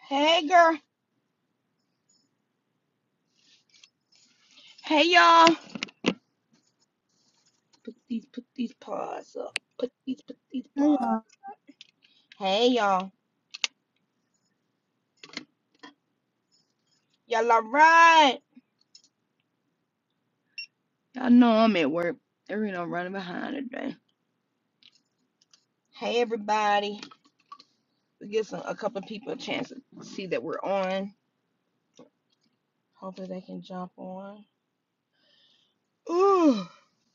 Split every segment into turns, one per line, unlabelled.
Hey girl. Hey y'all. Put these put these paws up. Put these put these
Hey
paws.
y'all,
Hey y'all. Y'all alright? Y'all know I'm at work. There ain't no running behind today. Hey everybody. We give some a couple of people a chance to see that we're on. Hopefully they can jump on. Ooh.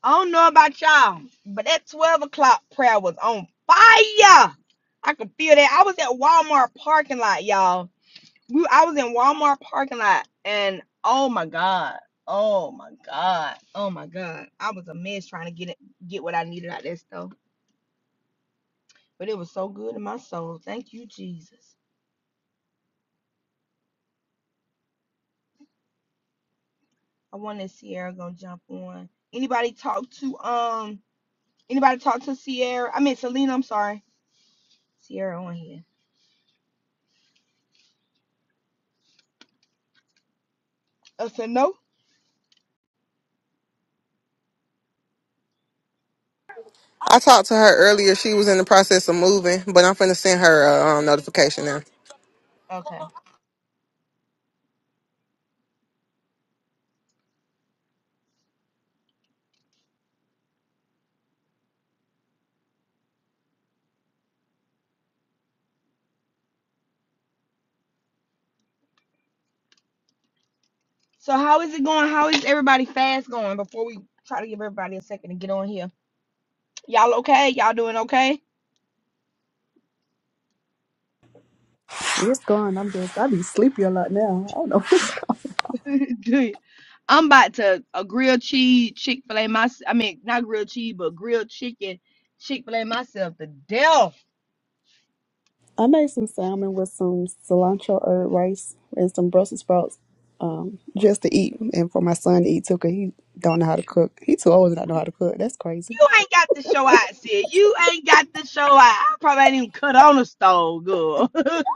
I don't know about y'all, but that 12 o'clock prayer was on fire. I could feel that. I was at Walmart parking lot, y'all We, I was in Walmart parking lot, and oh my god, oh my god, oh my god, I was a mess trying to get it, get what I needed out of that stuff. But it was so good in my soul. Thank you, Jesus. I wanted Sierra gonna jump on. Anybody talk to um? Anybody talk to Sierra? I mean Selena. I'm sorry, Sierra on here. Oh, so no.
I talked to her earlier. She was in the process of moving, but I'm finna send her a um, notification now.
Okay. So how is it going? How is everybody fast going? Before we try to give everybody a second to get on here, y'all okay? Y'all doing okay?
it's gone. I'm just I be sleepy a lot now. I don't know.
Do you? I'm about to a grilled cheese Chick Fil A myself. I mean, not grilled cheese, but grilled chicken Chick Fil A myself to death.
I made some salmon with some cilantro herb rice and some Brussels sprouts, um, just to eat and for my son to eat too, 'cause he don't know how to cook. He too old to not know how to cook. That's crazy.
You ain't got to show out, sis. You ain't got to show out. I probably ain't even cut on the stove, girl. that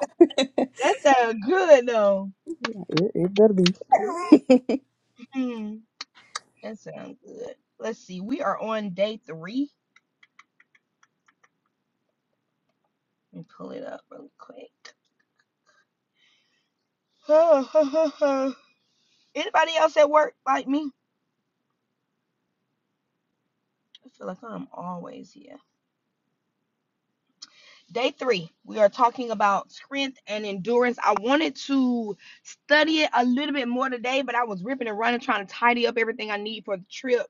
sounds good though.
Yeah, it, it better be
Hmm, that sounds good. Let's see. We are on day three. Let me pull it up really quick. Anybody else at work like me? I feel like I'm always here. Day three, we are talking about strength and endurance. I wanted to study it a little bit more today, but I was ripping and running trying to tidy up everything I need for the trip.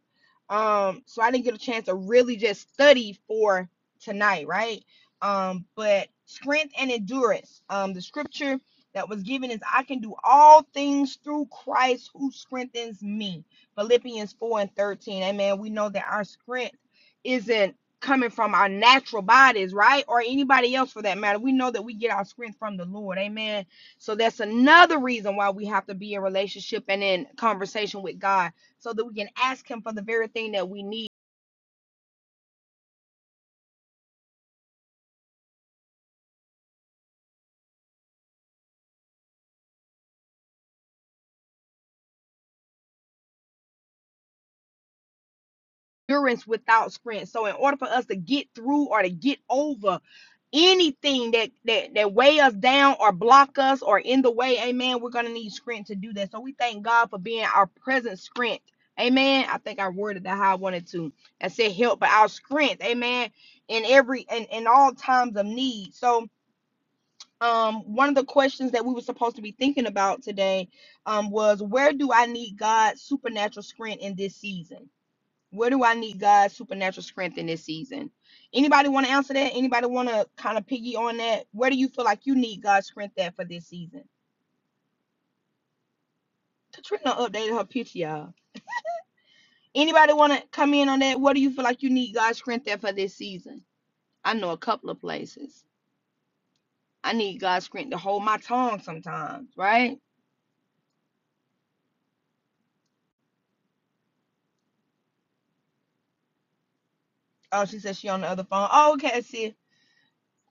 Um, so I didn't get a chance to really just study for tonight, right? Um, but strength and endurance. Um, the scripture that was given is I can do all things through Christ who strengthens me. Philippians 4 and 13. Amen. We know that our strength isn't coming from our natural bodies, right? Or anybody else for that matter. We know that we get our strength from the Lord. Amen. So that's another reason why we have to be in relationship and in conversation with God so that we can ask Him for the very thing that we need. endurance without strength. So in order for us to get through or to get over anything that that that weigh us down or block us or in the way, amen, we're gonna need strength to do that. So we thank God for being our present strength. Amen. I think I worded that how I wanted to. I said help, but our strength, amen, in every in, in all times of need. So um one of the questions that we were supposed to be thinking about today um was where do I need God's supernatural strength in this season? Where do I need God's supernatural strength in this season? Anybody want to answer that? Anybody want to kind of piggy on that? Where do you feel like you need God's strength at for this season? Katrina updated her picture, y'all. Anybody want to come in on that? What do you feel like you need God's strength at for this season? I know a couple of places. I need God's strength to hold my tongue sometimes, right? Oh, she said she on the other phone. Oh, okay, sis.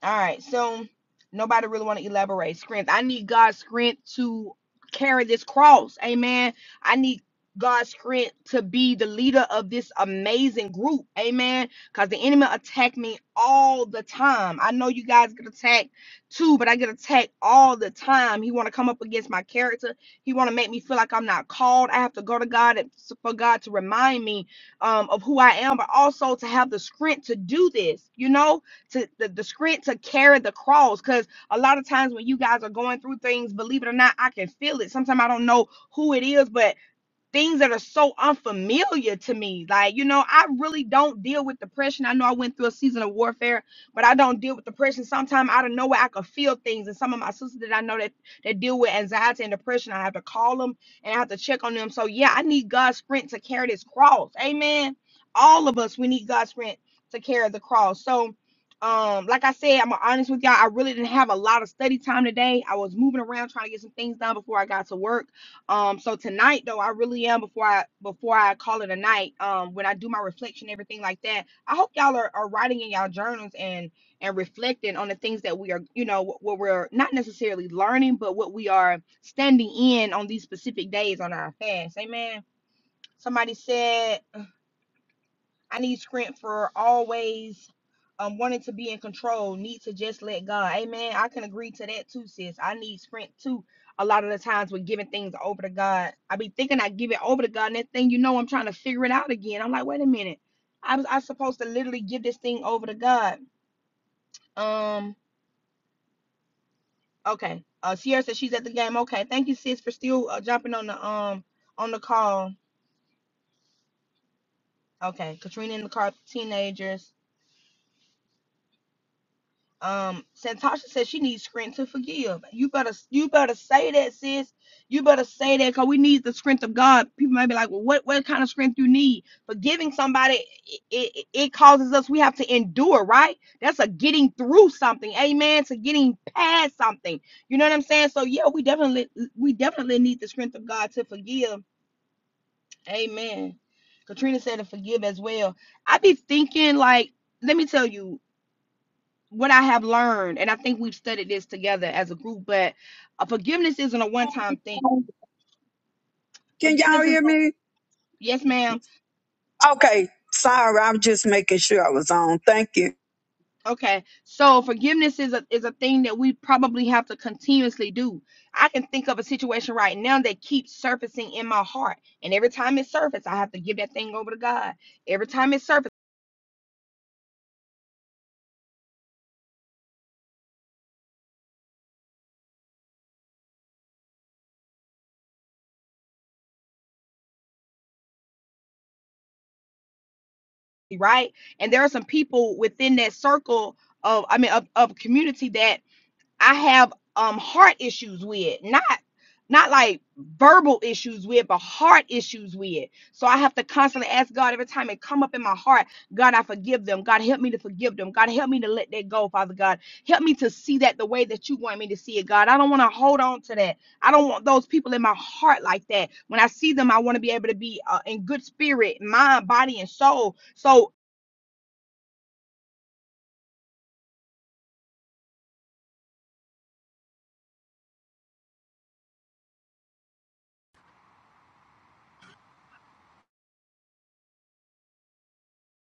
All right. So nobody really want to elaborate. Strength. I need God's strength to carry this cross. Amen. I need God's strength to be the leader of this amazing group. Amen. Because the enemy attack me all the time. I know you guys get attacked too, but I get attacked all the time. He want to come up against my character. He want to make me feel like I'm not called. I have to go to God and- for God to remind me um, of who I am, but also to have the strength to do this. You know, to the, the script to carry the cross. Cause a lot of times when you guys are going through things, believe it or not, I can feel it. Sometimes I don't know who it is, but things that are so unfamiliar to me. Like, you know, I really don't deal with depression. I know I went through a season of warfare, but I don't deal with depression. Sometimes out of nowhere, I could feel things. And some of my sisters that I know that, that deal with anxiety and depression, I have to call them and I have to check on them. So, yeah, I need God's strength to carry this cross. Amen. All of us, we need God's strength to carry the cross. So, um, like I said, I'm honest with y'all. I really didn't have a lot of study time today. I was moving around trying to get some things done before I got to work um, so tonight though, I really am before I before I call it a night. Um, when I do my reflection, everything like that, I hope y'all are, are writing in y'all journals and and reflecting on the things that we are, you know, what, what we're not necessarily learning, but what we are standing in on these specific days on our fast. Amen. Somebody said I need strength for always um wanting to be in control, need to just let God. Amen. I can agree to that too, sis. I need strength too. A lot of the times with giving things over to God. I be thinking I give it over to God, and that thing you know I'm trying to figure it out again. I'm like, wait a minute. I was I supposed to literally give this thing over to God. Um, okay. Uh Sierra said she's at the game. Okay. Thank you, sis, for still uh, jumping on the um on the call. Okay. Katrina in the car, teenagers. Um, Santasha says she needs strength to forgive. You better, you better say that, sis. You better say that because we need the strength of God. People might be like, well, what, what kind of strength you need? Forgiving somebody, it, it, it causes us, we have to endure, right? That's a getting through something. Amen. To getting past something. You know what I'm saying? So yeah, we definitely, we definitely need the strength of God to forgive. Amen. Katrina said to forgive as well. I be thinking like, let me tell you, what I have learned, and I think we've studied this together as a group, but uh, forgiveness isn't a one-time thing.
Can
Forgiveness
y'all
is
hear me?
yes, ma'am.
Okay. Sorry, I'm just making sure I was on. Thank you.
Okay, so forgiveness is a is a thing that we probably have to continuously do. I can think of a situation right now that keeps surfacing in my heart, and every time it surfaces, I have to give that thing over to God. Every time it surfaces, right? And there are some people within that circle of, I mean, of, of community that I have um heart issues with, not not like verbal issues with, but heart issues with. So I have to constantly ask God every time it come up in my heart, God, I forgive them. God, help me to forgive them. God, help me to let that go, Father God. Help me to see that the way that you want me to see it, God. I don't want to hold on to that. I don't want those people in my heart like that. When I see them, I want to be able to be uh, in good spirit, mind, body, and soul. So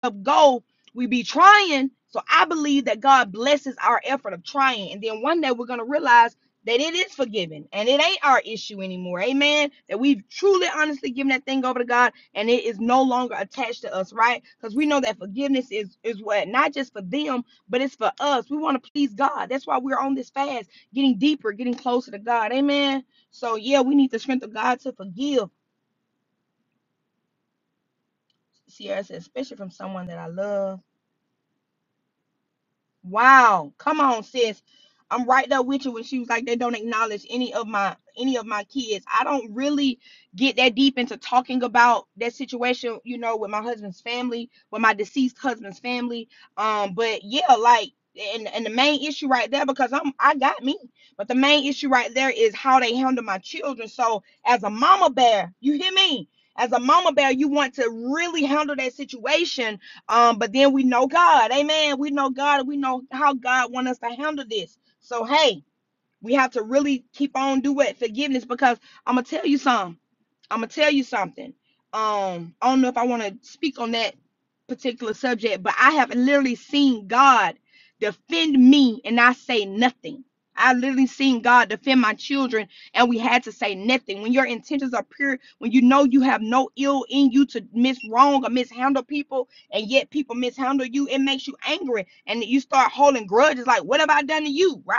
up goal, we be trying. So I believe that God blesses our effort of trying. And then one day we're going to realize that it is forgiven and it ain't our issue anymore. Amen. That we've truly, honestly given that thing over to God and it is no longer attached to us, right? Because we know that forgiveness is, is what, not just for them, but it's for us. We want to please God. That's why we're on this fast, getting deeper, getting closer to God. Amen. So, yeah, we need the strength of God to forgive. Sierra said, especially from someone that I love. Wow. Come on, sis. I'm right there with you when she was like, they don't acknowledge any of my any of my kids. I don't really get that deep into talking about that situation, you know, with my husband's family, with my deceased husband's family. Um, but yeah, like and and the main issue right there, because I'm I got me, but the main issue right there is how they handle my children. So as a mama bear, you hear me? As a mama bear, you want to really handle that situation um, but then we know God, amen. We know God, we know how God wants us to handle this. So hey, we have to really keep on doing forgiveness because I'm gonna tell you something. I'm gonna tell you something. Um, I don't know if I want to speak on that particular subject, but I have literally seen God defend me and I say nothing. I literally seen God defend my children and we had to say nothing. When your intentions are pure, when you know you have no ill in you to miswrong or mishandle people, and yet people mishandle you, it makes you angry and you start holding grudges like, What have I done to you? right?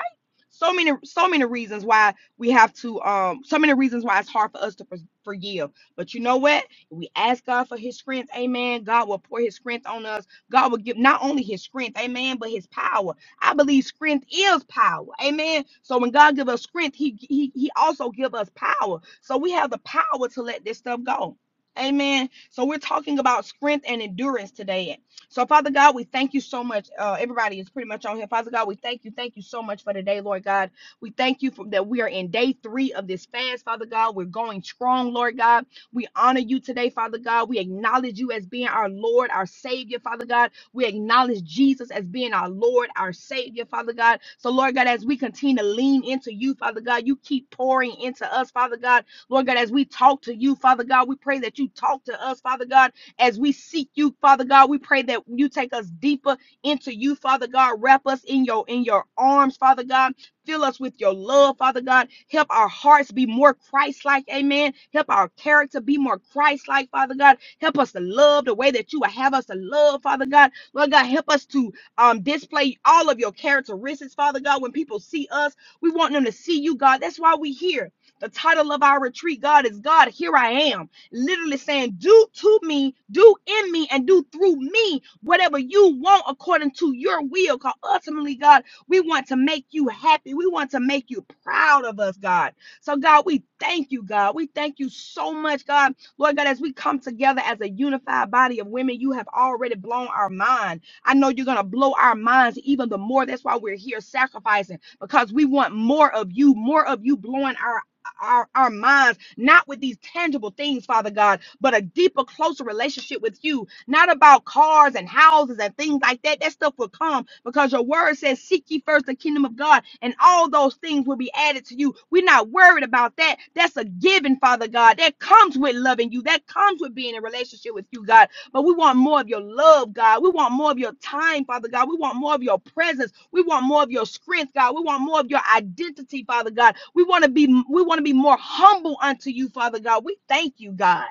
so many so many reasons why we have to um so many reasons why it's hard for us to forgive but you know what If we ask god for his strength amen god will pour his strength on us god will give not only his strength amen but his power i believe strength is power amen so when god gives us strength he he, he also gives us power so we have the power to let this stuff go amen so we're talking about strength and endurance today so, Father God, we thank you so much. Uh, everybody is pretty much on here. Father God, we thank you. Thank you so much for today, Lord God. We thank you for that we are in day three of this fast, Father God. We're going strong, Lord God. We honor you today, Father God. We acknowledge you as being our Lord, our Savior, Father God. We acknowledge Jesus as being our Lord, our Savior, Father God. So, Lord God, as we continue to lean into you, Father God, you keep pouring into us, Father God. Lord God, as we talk to you, Father God, we pray that you talk to us, Father God as we seek you, Father God. We pray that you take us deeper into you, Father God. Wrap us in your in your arms, Father God. Fill us with your love, Father God. Help our hearts be more Christ-like, amen. Help our character be more Christ-like, Father God. Help us to love the way that you would have us to love, Father God. Lord God, help us to um, display all of your characteristics, Father God. When people see us, we want them to see you, God. That's why we here. The title of our retreat, God, is God, here I am literally saying, Do to me, do in me, and do through me whatever you want according to your will. Because ultimately, God, we want to make you happy. We want to make you proud of us, God. So, God, we thank you, God. We thank you so much, God. Lord God, as we come together as a unified body of women, you have already blown our mind. I know you're going to blow our minds even the more. That's why we're here sacrificing because we want more of you, more of you blowing our our, our minds not with these tangible things, Father God, but a deeper, closer relationship with you, not about cars and houses and things like that. That stuff will come because your word says, Seek ye first the kingdom of God, and all those things will be added to you. We're not worried about that. That's a given, Father God. That comes with loving you, that comes with being in relationship with you, God. But we want more of your love, God. We want more of your time, Father God. We want more of your presence. We want more of your strength, God. We want more of your identity, Father God. We want to be we want to be more humble unto you, Father God. We thank you, God.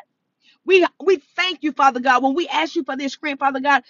We we thank you, Father God. When we ask you for this strength, Father God,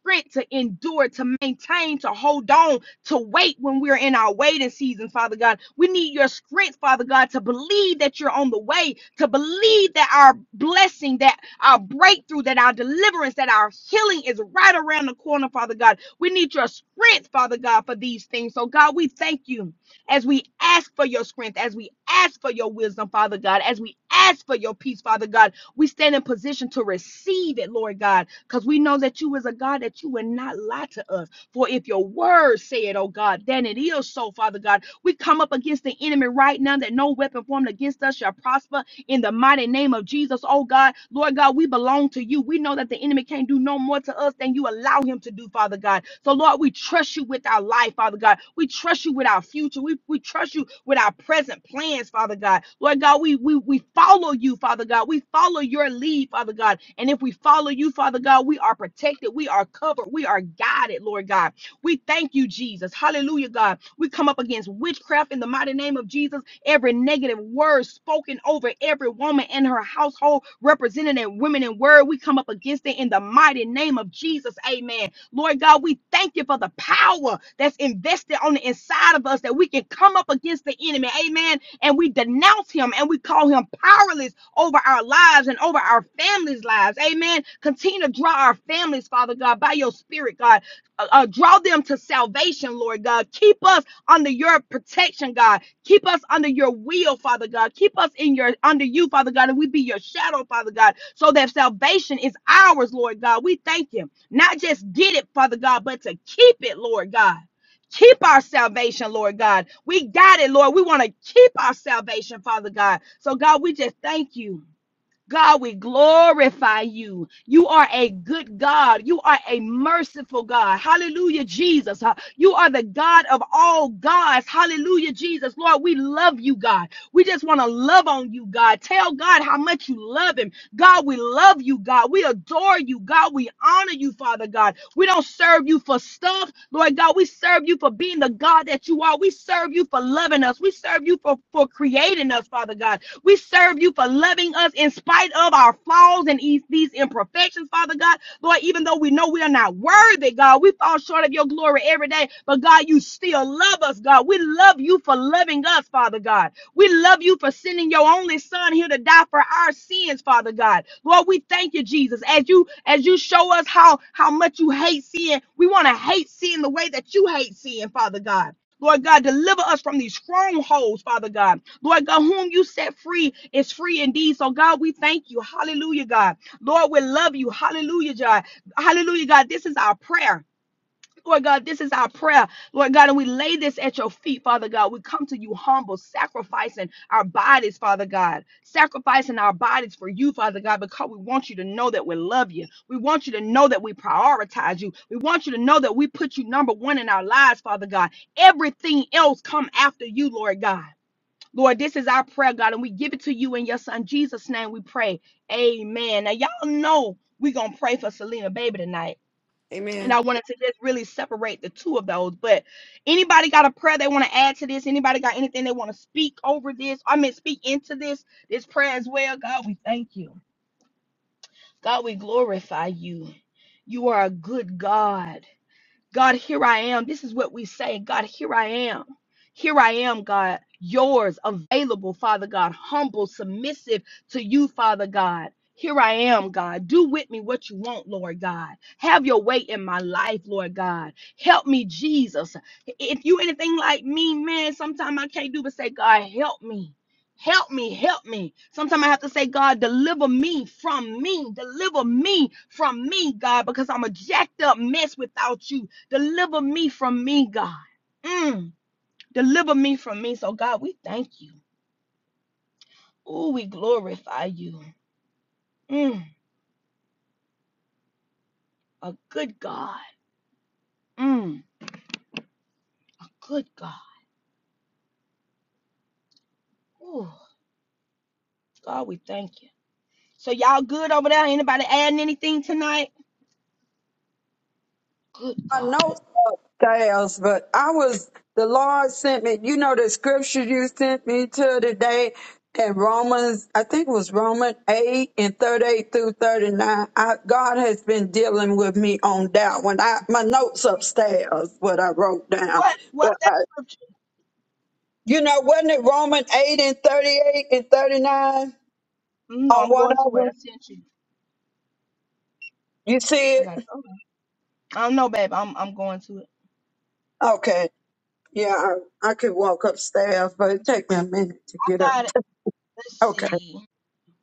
strength to endure, to maintain, to hold on, to wait when we're in our waiting season, Father God. We need your strength, Father God, to believe that you're on the way, to believe that our blessing, that our breakthrough, that our deliverance, that our healing is right around the corner, Father God. We need your strength, Father God, for these things. So, God, we thank you as we ask for your strength, as we ask for your wisdom, Father God, as we ask for your peace, Father God. We stand in position to receive it, Lord God because we know that you is a God that you will not lie to us. For if your word say it, oh God, then it is so, Father God. We come up against the enemy right now that no weapon formed against us shall prosper in the mighty name of Jesus. Oh God, Lord God, we belong to you. We know that the enemy can't do no more to us than you allow him to do, Father God. So Lord, we trust you with our life, Father God. We trust you with our future. We, we trust you with our present plans, Father God. Lord God, we, we we follow you, Father God. We follow your lead, Father God. And if we follow you, Father God, we are protected. We are covered. We are guided, Lord God. We thank you, Jesus. Hallelujah, God. We come up against witchcraft in the mighty name of Jesus. Every negative word spoken over every woman and her household, represented in women in word, we come up against it in the mighty name of Jesus. Amen. Lord God, we thank you for the power that's invested on the inside of us that we can come up against the enemy. Amen. And we denounce him and we call him powerless over our lives and over our families' lives. Amen. Continue to draw our families, Father God, by your spirit, God uh, uh, draw them to salvation, Lord God. Keep us under your protection, God. Keep us under your will, Father God. Keep us in your under you, Father God, and we be your shadow, Father God, so that salvation is ours, Lord God. We thank you. Not just get it, Father God, but to keep it, Lord God. Keep our salvation, Lord God. We got it, Lord. We want to keep our salvation, Father God. So, God, we just thank you. God, we glorify you. You are a good God. You are a merciful God. Hallelujah, Jesus. Uh, You are the God of all gods. Hallelujah, Jesus. Lord, we love you, God. We just want to love on you, God. Tell God how much you love him. God, we love you, God. We adore you, God. We honor you, Father God. We don't serve you for stuff, Lord God. We serve you for being the God that you are. We serve you for loving us. We serve you for, for creating us, Father God. We serve you for loving us in spite of our flaws and these these imperfections, Father God. Lord, even though we know we are not worthy, God, we fall short of your glory every day. But God, you still love us, God. We love you for loving us, Father God. We love you for sending your only son here to die for our sins, Father God. Lord, we thank you, Jesus. As you as you show us how how much you hate sin, we want to hate sin the way that you hate sin, Father God. Lord God, deliver us from these strongholds, Father God. Lord God, whom you set free is free indeed. So, God, we thank you. Hallelujah, God. Lord, we love you. Hallelujah, God. Hallelujah, God. This is our prayer. Lord God, this is our prayer. Lord God, and we lay this at your feet, Father God. We come to you humble, sacrificing our bodies, Father God. Sacrificing our bodies for you, Father God, because we want you to know that we love you. We want you to know that we prioritize you. We want you to know that we put you number one in our lives, Father God. Everything else come after you, Lord God. Lord, this is our prayer, God, and we give it to you in your son Jesus' name. We pray. Amen. Now, y'all know we're gonna pray for Selena Baby tonight. And
Amen.
I wanted to just really separate the two of those. But anybody got a prayer they want to add to this? Anybody got anything they want to speak over this? I mean, speak into this this prayer as well. God, we thank you. God, we glorify you. You are a good God. God, here I am. This is what we say. God, here I am. Here I am, God, yours, available, Father God, humble, submissive to you, Father God. Here I am, God. Do with me what you want, Lord God. Have your way in my life, Lord God. Help me, Jesus. If you anything like me, man, sometimes I can't do but say, God, help me. Help me, help me. Sometimes I have to say, God, deliver me from me. Deliver me from me, God, because I'm a jacked up mess without you. Deliver me from me, God. Mm. Deliver me from me. So, God, we thank you. Oh, we glorify you. Mm. A good God. Mm. A good God. Ooh, God, we thank you. So, y'all good over there? Anybody adding anything tonight? Good
I
God.
know upstairs, but I was the Lord sent me. You know the scripture you sent me to today in Romans, I think it was Romans eight and thirty-eight through thirty-nine. I, God has been dealing with me on that one. I my notes upstairs, what I wrote down.
What?
But
What's that
I,
scripture?
you know, wasn't it Romans eight and thirty-eight and thirty-nine
Mm, No,
on
I'm
one
going to
of
what
them?
I sent you.
You see
I
it?
got it. Okay. I don't know, babe. I'm I'm going to it.
Okay. Yeah, I, I could walk upstairs, but it take me a minute to get
I
up.
got it. Let's
Okay.
see.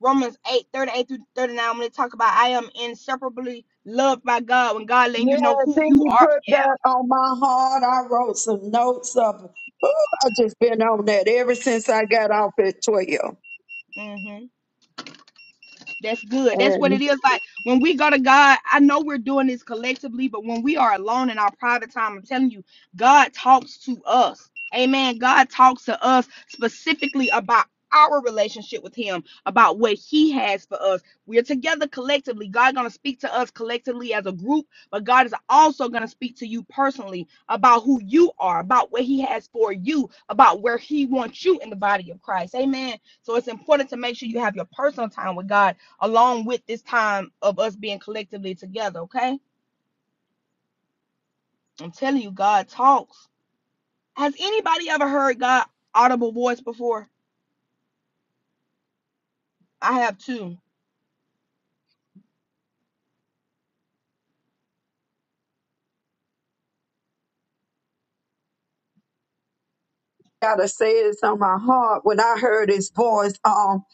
Romans 8 38 through 39, when they talk about I am inseparably loved by God, when God letting you
Yes,
know who you
he
are.
put that on my heart. I wrote some notes up. Ooh, I just been on that ever since I got off at twelve.
Mm-hmm. That's good. That's what it
And
is. Like when we go to God, I know we're doing this collectively, but when we are alone in our private time, I'm telling you, God talks to us. Amen. God talks to us specifically about our relationship with him about what he has for us we're together collectively god gonna speak to us collectively as a group but god is also gonna speak to you personally about who you are about what he has for you about where he wants you in the body of christ amen so it's important to make sure you have your personal time with God along with this time of us being collectively together, okay? I'm telling you, God talks. Has anybody ever heard God audible voice before? I have too.
gotta say it's on my heart when I heard his voice. Um,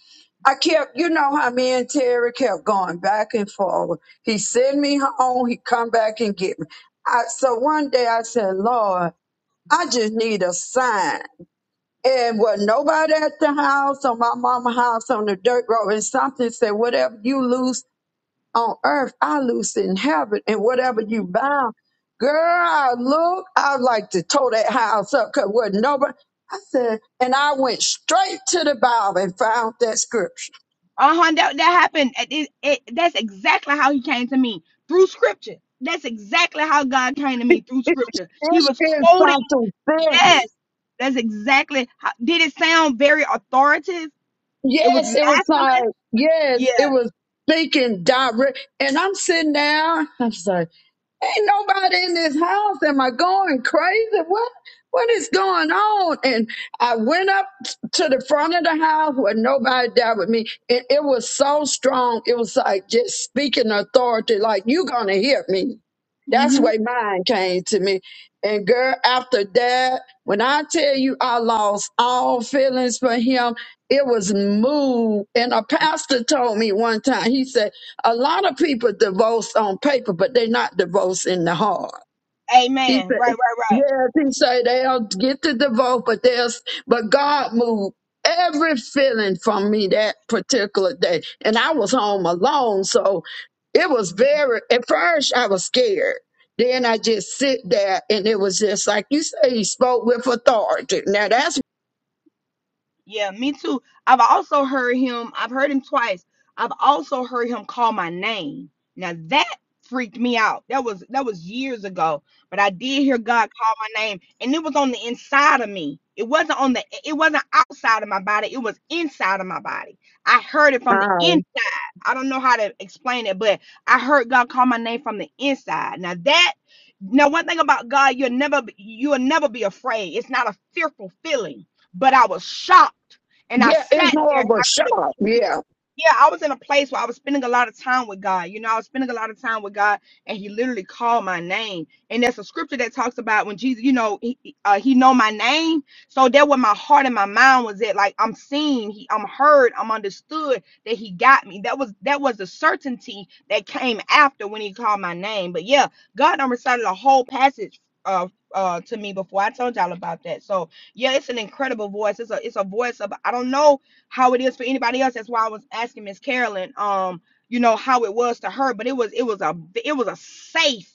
I kept, you know how me and Terry kept going back and forward. He send me home. He come back and get me. I, so one day I said, Lord, I just need a sign. And was nobody at the house on my mama's house on the dirt road. And something said, whatever you lose on earth, I lose in heaven. And whatever you bound, girl, I look, I like to tow that house up because was nobody. I said, and I went straight to the Bible and found that scripture.
Uh-huh. That, that happened. It- it- that's exactly how he came to me through scripture. That's exactly how God came to me through
It
scripture. He was
is
quoting,
something serious.
yes. That's exactly how did it sound very authoritative? It was
Yes, it was
masculine.
like, yes, it
Yeah.
was thinking direct. And I'm sitting down. Ain't nobody in this house. Am I going crazy? What what is going on? And I went up to the front of the house where nobody there with me. It, it was so strong. It was like just speaking authority, like you gonna hear me. That's the
hmm
way mine came to me. And girl, after that, when I tell you I lost all feelings for him, it was moved. And a pastor told me one time, he said. A lot of people divorce on paper, but they are not divorced in the heart. He
Amen. Right,
said,
right, right.
yes, he said they'll get the divorce, but there's, but God moved every feeling from me that particular day. And I was home alone. So it was
Mm-hmm.
very, at first I was scared. Then I just sit there and it was just like you say, he spoke with authority. Now that's,
Yeah, me too. I've also heard him, I've heard him twice. I've also heard him call my name. Now that freaked me out. That was that was years ago, but I did hear God call my name and it was on the inside of me. It wasn't on the it wasn't outside of my body, it was inside of my body. I heard it from the
uh,
inside. I don't know how to explain it, but I heard God call my name from the inside. Now that now one thing about God, you'll never you'll never be afraid. It's not a fearful feeling. But I was shocked and I
yeah, it's
sat
more
there
of
and
a
I could
shock.
have
Yeah.
yeah, I was in a place where I was spending a lot of time with God. You know, I was spending a lot of time with God, and He literally called my name. And there's a scripture that talks about when Jesus, you know, He, he- uh, he know my name. So that where my heart and my mind was at, like I'm seen, He, I'm heard, I'm understood that He got me. That was that was the certainty that came after when He called my name. But yeah, God done recited a whole passage. Uh, uh, to me before I told y'all about that. So yeah, it's an incredible voice. It's a it's a voice of I don't know how it is for anybody else. That's why I was asking Miss Carolyn, um, you know, how it was to her, but it was it was a it was a safe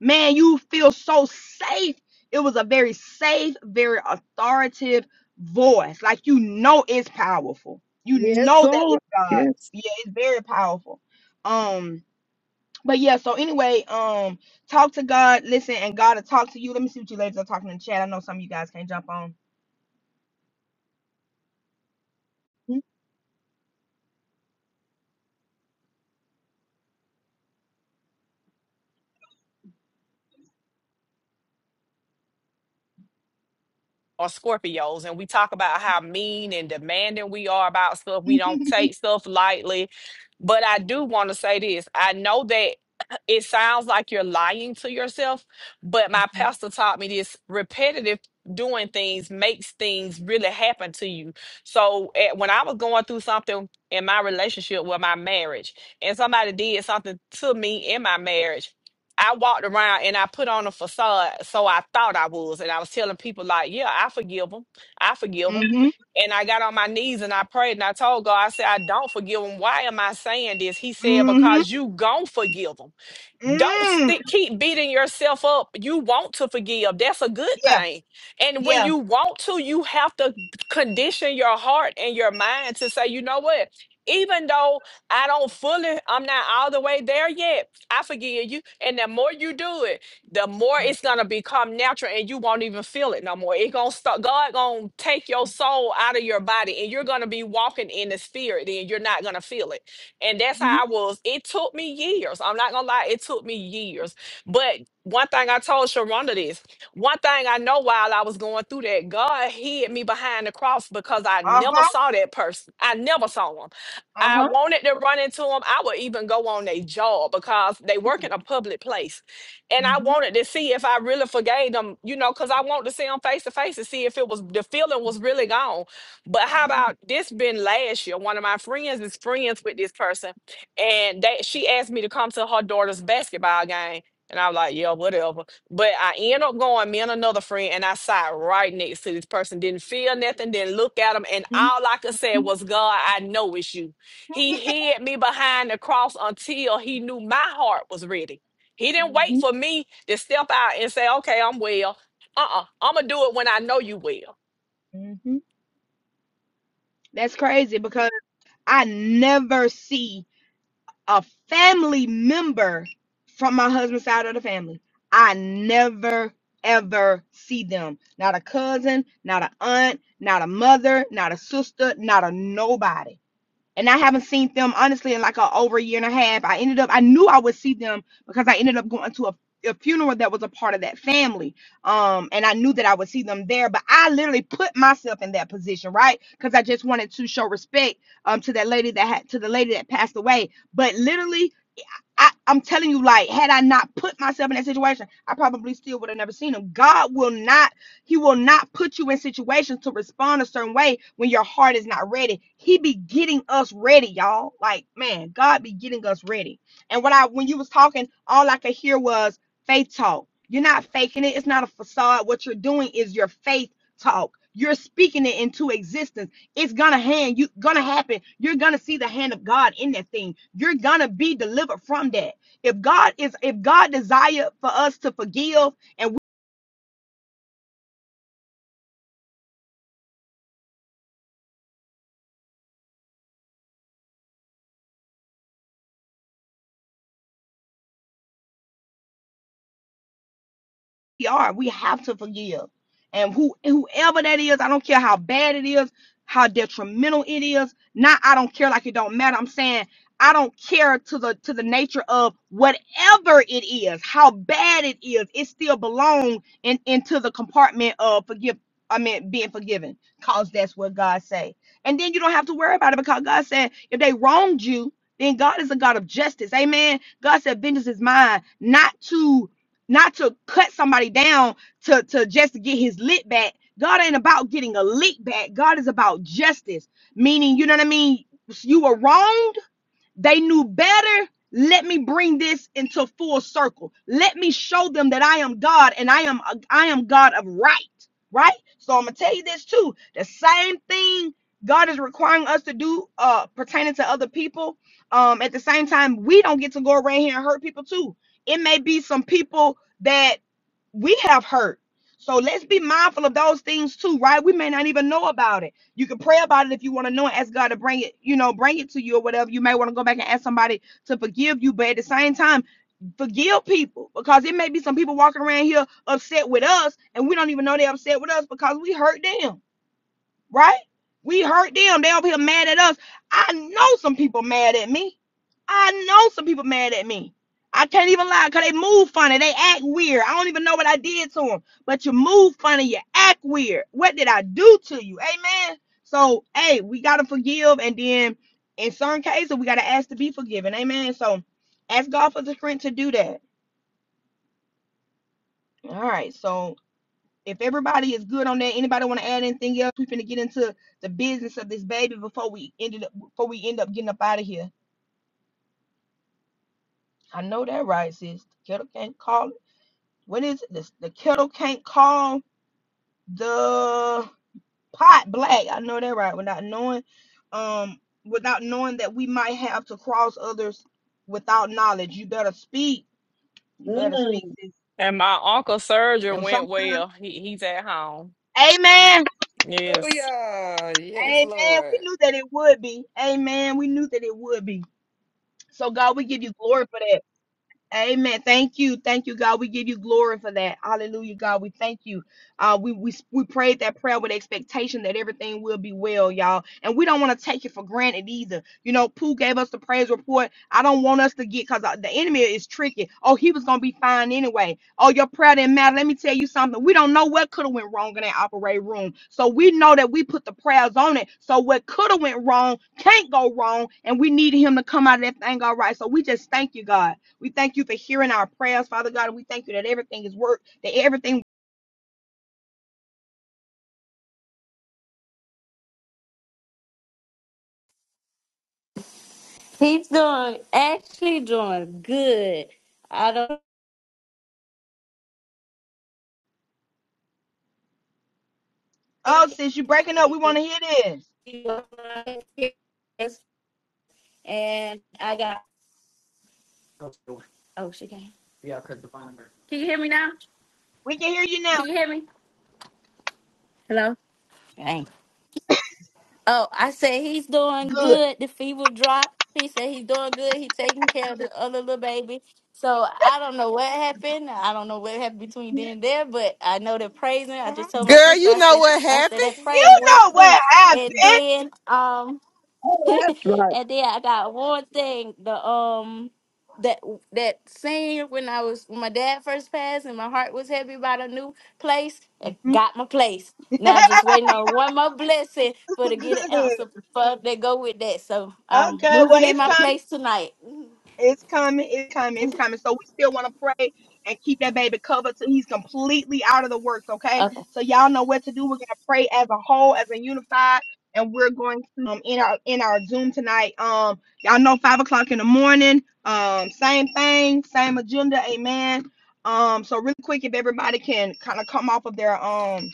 man. You feel so safe. It was a very safe, very authoritative voice. Like you know, it's powerful. You
Yes,
know that
sir.
it's God.
Yes.
Yeah, it's very powerful. Um, but yeah. So anyway, um, talk to God, listen, and God will talk to you. Let me see what you ladies are talking in the chat. I know some of you guys can't jump on.
or Scorpios, and we talk about how mean and demanding we are about stuff. We don't take stuff lightly. But I do want to say this I know that it sounds like you're lying to yourself, but my pastor taught me this repetitive doing things makes things really happen to you. So eh, when I was going through something in my relationship with my marriage, and somebody did something to me in my marriage, I walked around and I put on a facade, so I thought I was, and I was telling people like, "Yeah, I forgive them, I forgive them,"
hmm
and I got on my knees and I prayed and I told God, I said, "I don't forgive them. Why am I saying this?" He said,
hmm
"Because you gon' forgive them." don't
Mm.
sti- keep beating yourself up. You want to forgive. That's a good
Yeah.
thing. And when
Yeah.
you want to, you have to condition your heart and your mind to say, you know what? Even though I don't fully, I'm not all the way there yet, I forgive you. And the more you do it, the more it's gonna become natural and you won't even feel it no more. It gonna start God gonna take your soul out of your body and you're gonna be walking in the spirit and you're not gonna feel it. And that's
hmm
how I was. It took me years. I'm not gonna lie, it took me years. But one thing I told Sharonda this, one thing I know while I was going through that, God hid me behind the cross because I
Uh
never
huh.
saw that person. I never saw him.
Uh
I
huh.
wanted to run into them. I would even go on their job because they work in a public place. And I
hmm
wanted to see if I really forgave them, you know, because I wanted to see them face to face to see if it was the feeling was really gone. But how about this been last year? One of my friends is friends with this person, and they she asked me to come to her daughter's basketball game. And I was like, yeah, whatever. But I end up going, me and another friend, and I sat right next to this person. Didn't feel nothing, didn't look at him. And
hmm
all I could say was, God, I know it's you. He hid me behind the cross until he knew my heart was ready. He didn't wait for me to step out and say, okay, I'm well. Uh-uh. I'm gonna do it when I know you well.
hmm That's crazy because I never see a family member from my husband's side of the family. I never ever see them. Not a cousin, not a aunt, not a mother, not a sister, not a nobody. and I haven't seen them honestly in like a, over a year and a half. I ended up I knew I would see them because I ended up going to a, a funeral that was a part of that family. Um, and I knew that I would see them there, but I literally put myself in that position, right? Because I just wanted to show respect um to that lady that had to the lady that passed away. But literally I, I'm telling you, like, had I not put myself in that situation, I probably still would have never seen him. God will not, He will not put you in situations to respond a certain way when your heart is not ready. He be getting us ready, y'all. Like, man, God be getting us ready. And what I when you was talking, all I could hear was faith talk. You're not faking it, it's not a facade. What you're doing is your faith talk. You're speaking it into existence it's gonna hand you gonna happen. You're gonna see the hand of God in that thing. You're gonna be delivered from that. If God is if God desire for us to forgive we are. We have to forgive. And who whoever that is, I don't care how bad it is, how detrimental it is. Not I don't care like it don't matter. I'm saying I don't care to the to the nature of whatever it is, how bad it is, it still belongs in into the compartment of forgive. I mean being forgiven. Cause that's what God say. And then you don't have to worry about it because God said if they wronged you, then God is a God of justice. Amen. God said vengeance is mine, not to not to cut somebody down to, to just to get his lit back. God ain't about getting a lick back. God is about justice, meaning, you know what I mean? You were wrong they knew better. Let me bring this into full circle. Let me show them that I am God and I am I am God of right. Right? So I'm gonna tell you this too. The same thing God is requiring us to do uh pertaining to other people. Um, at the same time, we don't get to go around here and hurt people too. It may be some people that we have hurt. So let's be mindful of those things too, right? We may not even know about it. You can pray about it if you want to know and ask God to bring it, you know, bring it to you or whatever. You may want to go back and ask somebody to forgive you, but at the same time, forgive people because it may be some people walking around here upset with us and we don't even know they're upset with us because we hurt them right? We hurt them. They over here mad at us. I know some people mad at me. I know some people mad at me. I can't even lie because they move funny. They act weird. I don't even know what I did to them. But you move funny. You act weird. What did I do to you? Amen. So, hey, we got to forgive. And then in certain cases, we got to ask to be forgiven. Amen. So ask God for the strength to do that. All right. So, if everybody is good on that, anybody want to add anything else? We finna get into the business of this baby before we ended up before we end up getting up out of here. I know that right, sis. The kettle can't call. it. What is it? The, the kettle can't call the pot black. I know that right. Without knowing, um, without knowing that we might have to cross others without knowledge. You better speak. You
Mm.
better speak, sis.
And my uncle surgery
And
went
sometimes,
well. He he's at home.
Amen.
Yes.
Hallelujah. Yes,
Amen. We
Lord.
knew that it would be. Amen. We knew that it would be. So, God, we give you glory for that. Amen. Thank you. Thank you, God. We give you glory for that. Hallelujah, God. We thank you. Uh, we, we we prayed that prayer with expectation that everything will be well, y'all. And we don't want to take it for granted either. You know, Pooh gave us the praise report. I don't want us to get because the enemy is tricky. Oh, he was gonna be fine anyway. Oh, your prayer didn't matter. Let me tell you something. We don't know what could have went wrong in that operating room. So we know that we put the prayers on it. So what could have went wrong can't go wrong, and we need him to come out of that thing all right. So we just thank you, God. We thank you for hearing our prayers, Father God. And we thank you that everything is work, that everything.
He's doing actually doing good. I don't
Oh,
like
sis, you breaking up, we want
it.
to hear this.
He was my experience, and I got oh she can Can you hear me now?
We can hear you now.
Can you hear me? Hello? Dang. Oh, I said he's doing
Good.
good. The fever dropped. He said he's doing good. He's taking care of the other little baby. So I don't know what happened. I don't know what happened between then
You
and there, but I know they're praising. I just told my
Girl,
sister,
you
I
know
said,
what
I said
happened?
that praise went
know
through.
what happened.
And then um
Oh, that's right.
and then I got one thing. The um that that scene when I was when my dad first passed and my heart was heavy about a new place. It got my place. Now just waiting on one more blessing for to get an
Good.
ounce of fuck that go with that. So I'm
Okay, well,
moving in
it's
my
coming.
place tonight.
It's coming, it's coming, it's coming. So we still want to pray and keep that baby covered till he's completely out of the works, okay? So y'all know what to do. We're gonna pray as a whole, as a unified, and we're going to um in our in our Zoom tonight. Um, y'all know five o'clock in the morning. Um, same thing, same agenda, amen. Um, so really quick, if everybody can kind of come off of their um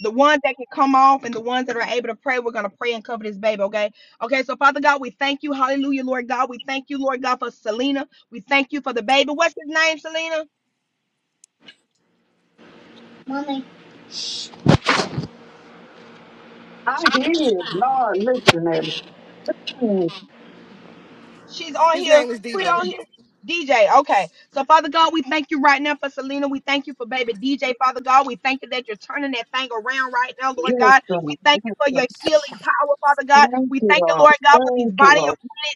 the ones that can come off and the ones that are able to pray, we're going to pray and cover this baby, okay? Okay, so Father God, we thank you. Hallelujah, Lord God. We thank you, Lord God, for Selena. We thank you for the baby. What's his name, Selena?
mama
I did. Lord, listen at it. Mm,
She's on
His
here.
name is
Quit
DJ.
on here. DJ, okay. So, Father God, we thank you right now for Selena. We thank you for baby DJ, Father God. We thank you that you're turning that thing around right now, Lord
Yes,
God. We
Lord.
thank you
Yes,
for
Lord.
your healing power, Father God.
Thank
We
you,
thank you,
Lord.
Lord God, for these
Thank you,
body of
Lord.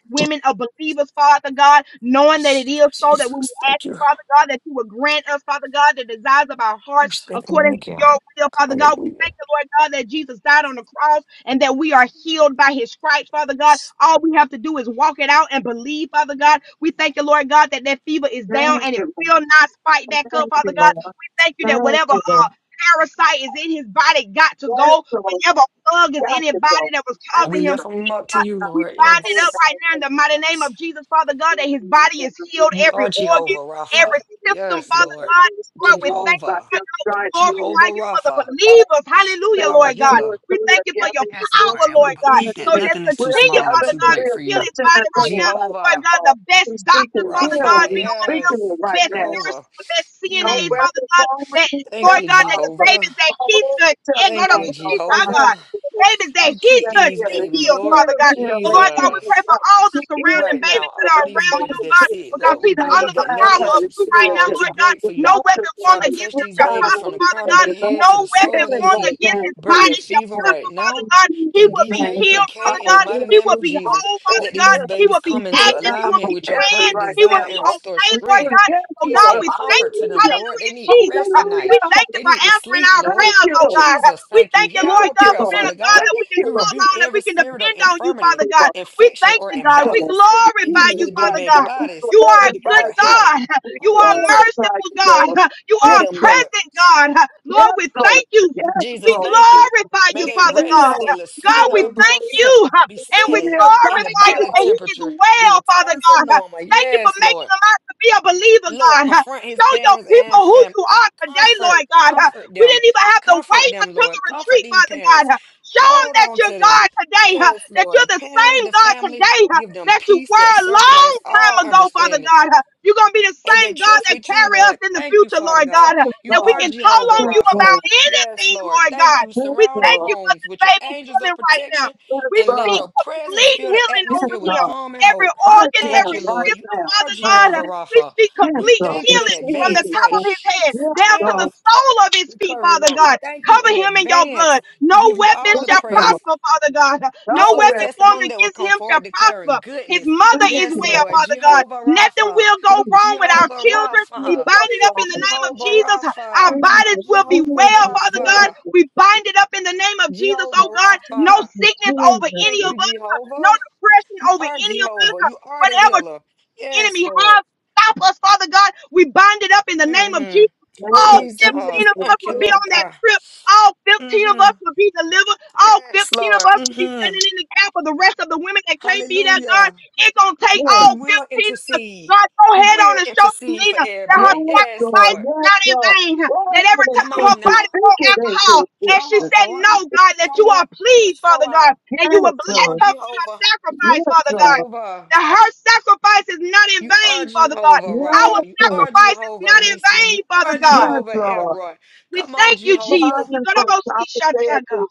women, women of believers, Father God, knowing that it is so that when we
Jesus,
ask
thank
you,
you
Father God, that you will grant us, Father God, the desires of our
for
hearts
stepping in
according
the
to
gap.
your will, Father God. We thank
Hallelujah.
you, Lord God, that Jesus died on the cross and that we are healed by his stripes, Father God. All we have to do is walk it out and believe, Father God. We thank you, Lord God, that that fever is
Thank,
down and it will not spike back up, Father God. We thank you that
thank
whatever
you, Lord.
uh, parasite is in his body got to
Yes,
go, whatever bug is
yes,
in his body that was
thank
causing
We
him
lift
you.
them up to
I
you,
got
we
Lord.
bind it
told
up
that
Yes.
right
I
now in
was
the mighty name of Jesus, Father God, that
holding
his
my
body
hand.
is
I
healed,
was
You
every
are
thinking,
Jehovah
organ,
yeah,
every
Rapha.
I was
system,
Yes,
thinking,
Father
Lord.
God.
I was going
Lord, we
along
thank you,
by
Jehovah.
your
Lord God. We
stripes here.
Jehovah
glorify you for the
Rapha,
The Lord
believers. Hallelujah,
says
our
that
Lord
two
God.
healer.
or
We
three
thank
are
you for your
gathered in
Yes,
your
Lord.
power,
And we
Lord
truth,
God.
in the
believe that
So
midst.
just
nothing is
We're
too
continue,
small or
gathered
Father
too
God,
and
to
great
we're
for
heal
you.
his
touching and
body right now.
agreeing right
Lord
Jehovah
now,
God, the
Lord.
best
He's
doctors,
speaking
Father God,
healing.
Rapha.
be
He's
on him,
Yes.
speaking it
the
right
best
now.
Jehovah.
nurses, the best
No
CNAs,
Mm.
Father
weapon
God,
formed
that
against
Thank
Lord
them
you,
God, that the
prosper.
Jehovah.
babies that
All
he took,
the
and go
Thank
to
you,
testimonies of
the
some of
Jehovah.
God. The
the
babies that
You
he
keep
that
touched
these
be
healing.
babies,
He
healed,
Lord.
Father
is
God. But
healing.
Lord God, we
Jesus
pray
Jesus
for
Christ.
all
He
the
is
surrounding
right now
babies that
all
are
deliverance. The
these
around
babies
him,
Bible
that's
God,
says
sick,
because
Lord. We
he's
everything
under
believe
the
that
around
nothing
power
her
is
of
too
is
you right
small
healed.
or
now,
too
Lord God.
great
The
for
No
you.
weapon
doctors
formed
want
Father,
to
touch
against
put
him
these
shall
down
babies
prosper,
on
from the
these
Father
crown of
God.
their
places. I'm
heads
No
to the soles
weapon
of their
healing
formed
right
feet.
against
now.
his
Break
in
body
that
Jesus
shall
fever
name.
right
prosper, Father
In
now.
God. He
And
Jesus
will be
name.
DJ and
healed,
K,
Father
in
All
the
God.
mighty
He
name
will
of
miracles,
be
all
Jesus,
whole,
all
Father
let
God.
these
healing.
He
babies
will be
We
come
pull
into
it
active. He
down
will
alignment
be
from
with your
praying.
heaven
perfect
right
He will
now,
design
be
and
Lord.
restore
okay,
We
Lord
put
strength,
God.
yes,
Oh
peace,
God,
Lord.
and
we thank
comfort
you.
to them,
Hallelujah.
Lord. They
Hallelujah,
need to
Jesus.
rest
Uh,
tonight.
Hallelujah.
We thank you
They
for
need to
answering
sleep,
our
Lord.
Thank
prayers,
you,
oh
Lord.
God. Uh,
Jesus,
We
thank you.
thank you,
Hear
Lord
our
Thank
God,
you,
prayer,
for being a
Lord.
Father
God
God.
Thank
that we can
We
you, Lord.
call
rebuke
on and we
every
can
spirit of
depend on you,
infirmity
Father
We
God.
love
We
infection,
thank
or
you, God.
you,
We
Lord.
imbalance in
You
glorify
these
are
you,
little bitty
Father
right
baby
God.
now. We
bodies.
You are
We
a good
glorify
declare
you.
health,
God.
We
You are a
wholeness
glorify
merciful
you, Lord.
God. You
over
are a
Yes,
them,
Lord.
Lord.
present God. Lord,
Yes,
we
Lord.
thank you.
Yes,
We
Jesus,
Lord.
thank you.
glorify
We
May
you,
they
Father
kneel.
God.
rest, they little
We
God,
sweet
we
little
kneel. We
thank
breaths
kneel.
you
be
and
We
we
steady,
kneel.
and the
Thank
glorify
you,
you
body
that He
Holy
is
temperature be
well, Father
returned to
God.
normal.
Thank you for
Yes,
making
Lord.
them out to be a believer,
Lord,
God.
confront his
Show your
parents and
people who
family.
you are today, Lord
Comfort,
God.
comfort
We
them.
didn't even have to
Comfort
wait
them,
until the
Lord. Comfort
retreat,
these
Father
parents.
God. Show them
Hold
that
on
you're
to them.
God today, huh?
Yes,
that
Lord. The
you're the
parents,
same
the
God
family,
today huh?
give them
that you
peace
were
that
a long
surpass
time
all
ago, Father
understanding
God. huh? You're going to be the
and they
same God
trust
that
with you,
carry us
Lord.
in the
Thank you,
future,
Father
Lord
God.
God, huh?
You
that we
are
God.
can call
Jehovah
on
Yes,
you
Lord. Yes,
Rapha.
about
Lord.
Yes,
anything,
Lord.
Lord
Thank
God.
you.
Yes,
We
Surround the
thank
Lord.
you for
homes
this
with your
baby
angels of
healing right now.
protection
We
and let
speak
your presence
complete
fill the
healing
Yes,
over
atmosphere with
him.
Lord.
calm and
Every
hope.
Right
organ,
Thank
now.
you,
every
Right
Lord. You
system,
now.
are
Father
Right
God,
now.
Jehovah
huh? we
Rapha.
speak
We
Yes,
complete
Lord.
thank you in
healing
It's
from
in
the
advance
this.
for
top
a
of
Lord.
his head
Yes,
down to the
Lord.
swift
sole of his feet,
recovery,
Father
Lord.
God.
We thank you
Cover
in
him in your
advance.
blood. No
We give you
weapon
all the
Yes,
shall
Lord.
praise.
prosper, Father God. No
And for this
weapon
Nowhere.
formed
testimony that will
against
come
him shall
forward declaring
prosper. His
goodness.
mother
Thank
is
Yes,
you,
well,
Lord.
Lord.
Father God.
Jehovah
Nothing
Rapha.
will go
Thank
wrong with our
Jehovah
children. We
Rapha.
you,
bind it up in the
Lord.
name of
Jehovah
Jesus. Our
Rapha,
Thank you,
bodies
Jesus.
will be
Jehovah
well, Father God.
Rapha,
We bind it up in the name of Jesus,
Jehovah
oh God.
Jesus,
No
Rapha.
Jesus,
sickness over
Jesus,
any
Thank
of
Jesus.
you,
us. No
Jehovah.
depression
You
over
are
any of us.
Jehovah. You are the
Whatever
healer. Yes,
enemy
Lord.
have stop us, Father God. We bind it up in the
Mm
name of
hmm
Jesus.
In the Name
All
of
15
Jesus,
Jesus.
of
Jesus.
us
Thank you,
will be
Lord
on that
Yes,
God.
trip. All 15 of
hmm
us will be delivered. All 15
Yes,
of
Lord.
us
Mm
will be
hmm
standing in the gap for the rest of the women that can't be there, God.
Hallelujah.
It's going to take
We
all
will
15 of us.
intercede.
God, go
We
ahead on
will
and show
intercede for
Selena that her
everybody.
yes,
Yes,
Lord.
sacrifice
Lord.
is
Yes,
not in
Lord.
vain.
Go
That
ahead
every
and
Come
time her
speak
on
it.
body
now.
Speak
on
it into
alcohol,
Show
and she
up,
existence.
said
Lord.
no, God, that
Show
you are
up.
pleased, Father
Show
God,
out.
and you will
Yes,
Come
bless
on,
Lord.
her for her
Jehovah.
sacrifice,
Yes,
Father God
Lord.
Jehovah.
that her sacrifice is not in
You are
vain, Father God.
Jehovah
Our
Rapha.
Yes,
You
Lord.
are
sacrifice is
Jehovah
not in
Nisi.
vain,
You
Father
are
God.
Yes,
Jehovah
Lord.
Elroy.
We
Come on,
thank you,
Father,
Jesus.
I'm
Jehovah.
You
going
gotta
to
go see
stop it there
Shatan, God.
because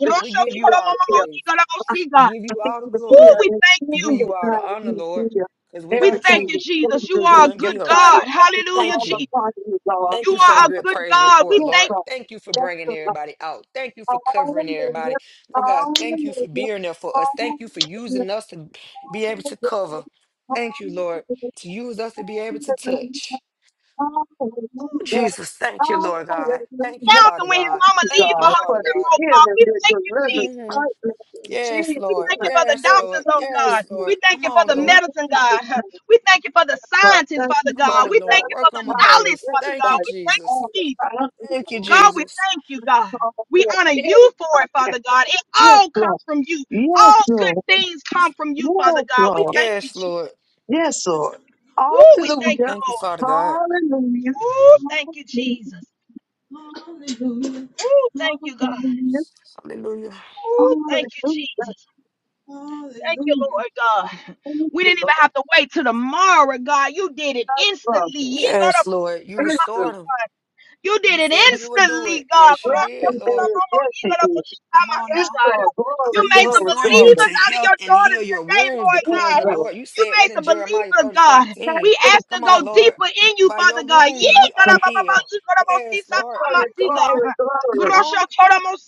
Grosho
day
We give
at
you
this Holy
toro momo
all the
mo,
Spirit
you
praise.
gotta go
I
see,
We
God.
give
I
you
think
all the
the
Ooh,
glory.
fear
we
and
thank
We
tears
give
of
you.
you all the
God
honor,
you
Lord.
fear.
Because
We
without
thank
Everything
you,
you,
is
Jesus. You
dangerous
we
are
and
a
wouldn't be
good
inside.
us.
God.
It's
Hallelujah,
Thank
all
you.
Jesus.
upon you, Lord.
Thank
You
We
you for the
all
are a
good
good
upon
praise
God. We
report,
you,
thank
Lord.
Lord.
Thank you for
Yes,
bringing
Lord.
everybody out. Thank you for covering everybody.
Hallelujah.
Lord God, thank you for
Hallelujah.
being there for us. Thank you for
Hallelujah.
using us to be able to cover. Thank you, Lord,
Hallelujah.
to use us to be able to
Hallelujah.
touch.
Hallelujah.
Jesus, thank you, Lord God. Thank you,
you.
Hallelujah.
Now,
Father
when his
God.
Thank
mama
you,
Thank
leave for
you,
her
God,
Father
for
trip,
the
God.
oh
healing,
God, we
the
thank you, Jesus.
deliverance,
hmm
partner in
Yes,
Jesus'
We
Lord.
thank you
name.
for the
Yes,
In
doctors,
Lord.
oh
Jesus'
God.
Yes,
We
Lord.
name.
thank
Come
you for
on,
the
In
Lord.
medicine,
Jesus'
God.
name.
We thank you for the
God,
scientists,
thank you
Father
Come
for
God.
the
on,
We thank
Lord.
love
you for
Work
that
on
the
my
God has
knowledge,
babies.
Father
given
Thank
God.
by
you,
We thank
Jesus.
all
you,
the
Jesus.
boundaries
Thank
of
you,
all
God, we
Jesus.
thank you,
the
God.
call
We
for
honor
healing
you for it,
right now.
Father God. It
Yes,
all
Lord.
comes from you.
Yes,
All
Lord.
good things come from you, Father
Yes,
God. We
Lord.
thank you,
Yes,
Jesus.
Lord.
Yes, Lord.
Ooh, we thank you,
Hallelujah.
Thank you, Father God.
Hallelujah.
Lord. Ooh, thank you, Jesus. Ooh, thank you, God.
Hallelujah.
Hallelujah.
Ooh, thank you,
Hallelujah.
Jesus. Thank you, Lord God.
Thank you,
We didn't
Lord.
even have to wait till tomorrow, God. You did it
That's from
instantly.
Yes, Lord. You
Israel.
restored them.
You did
You
it
said you would do it.
instantly, God.
Yes, Lord.
Yes, you
Yes, they
did,
did.
Lord.
Yes, they did.
Come on
Yes,
now.
Lord.
I
You
Glory,
will
made some
glory,
restore you
believers
glory.
to
out of
health
your
and heal
daughters
your
today,
wounds,
Lord
Yes,
declares
God.
the
Lord.
Lord. You
You
said
made
that in
some
Jeremiah
believers,
30
God.
Yes,
seventeen.
We
Lord.
ask to
Come
go
on, Lord.
deeper in you,
By
Father
your
God.
wounds
Yee,
we
Yes,
are
Lord.
healed. Yes, Lord.
Glory,
Come on.
glory,
Come
glory.
on.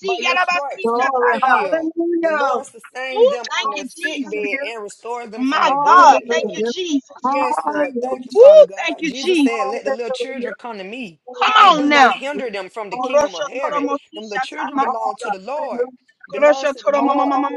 By your stripes we
Glory.
are healed. The Lord
Hallelujah.
sustains
Ooh,
them
thank
on
you,
their sick
Jesus.
bed
Hallelujah.
and restores them from
My
their bed
God,
of
thank you,
illness.
Hallelujah. Hallelujah.
Jesus.
Yes, Lord. Thank you,
Hallelujah.
Father
Ooh, thank
God.
you,
Jesus said,
Jesus.
Let the
Hallelujah.
little children come to me
Come
and
on
do
now.
not hinder them from the kingdom of heaven. Them little children belong to the Lord belongs
Grosha
to the
Tora
Lord.
Mama Mama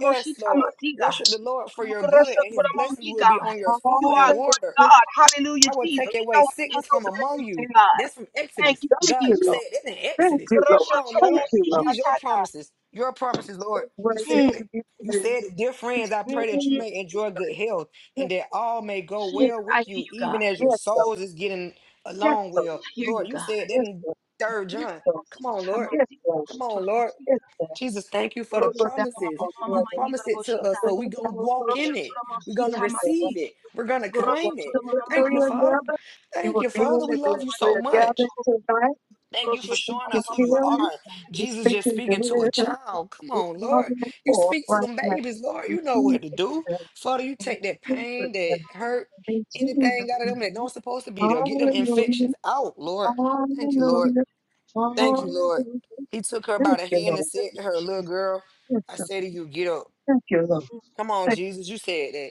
Yes, Lord.
Masiga.
Worship the Lord for your good,
Grosha
and his
Tora
blessings
Mami
will be
God.
on your
You
food
are
and
a
Hallelujah.
good
water.
Hallelujah.
God. Hallelujah,
I will
Jesus.
take
We
away
don't
Hallelujah.
get
sickness
no
from
better than
among
you,
you.
Thank
God.
That's from
Thank
Exodus.
you,
God,
you,
you
Jesus.
said
Lord.
it in
Thank
Exodus.
you, Lord.
Come
Grosha
on,
Tora
Thank
Lord.
you, Lord.
Mosisha
These your
Tata.
promises. Your promises, Lord.
It's
You
worthy
said
Mm,
to
it.
be
You said
praised.
it. Dear
It's
friends, I
worthy
pray
to
that you
mm,
may
yes.
enjoy good health and
praised.
that all may go
Yes,
well
Jesus, I
with
hear
you,
you, God.
even as your
yes, Lord.
souls is getting
Yes,
along
Lord.
well.
I hear you,
Lord, you
God.
said that
Yes,
in
Lord.
third
Yes,
John.
Lord.
Come on,
Mosita
Lord.
Yes,
Masi.
Lord.
Grosha
Come
Tora
on, Lord.
Yes,
Mosika.
Lord.
Jesus, thank you for the
Oh,
Grosha
Lord, that
Tora
was
promises.
Mama
for
Mama
the
You
Mama
other.
promised it to us,
Yigarabashita.
Oh,
so we're
Lord,
going
that
to
was for
walk
the
Grosha
in
other.
it.
Tora
We're going to
Yes,
Mosita
Lord.
Masi.
receive it. We're going to
That
Grosha
was
claim it.
Tora
the
Mama Mama
Thank you,
career
Mama.
Father.
gathered. You
Thank
will
you,
be in
Father.
Grosha
the
We
Tora
love you
business. We
so
Masi.
are gathered
much.
tonight.
Thank you
We
Grosha
for
speak
Tora
showing
Mama
in
us who you
healing.
Mama
are.
We
Jesus
Mama.
speak
just
in
speaking to a
deliverance.
child. Come
We
on,
call
Lord.
it
You
forth
speak to
right
them
now.
babies, Lord.
In
You know
Jesus'
what to do.
name.
Father, you
In
take that pain,
Jesus'
that
name.
hurt,
In Jesus'
anything out of them that
name.
don't supposed to be there. Get them
Hallelujah.
infections out, Lord. Thank you, Lord.
Hallelujah.
Thank
Mm,
you, Lord.
Hallelujah.
He took her by
Thank
the
you,
hand and
Lord.
said to her, Little
Jesus.
girl,
Yes,
I
sir.
say to you, get up.
Thank you, Lord.
mm,
Come on,
Thank
Jesus. You said that.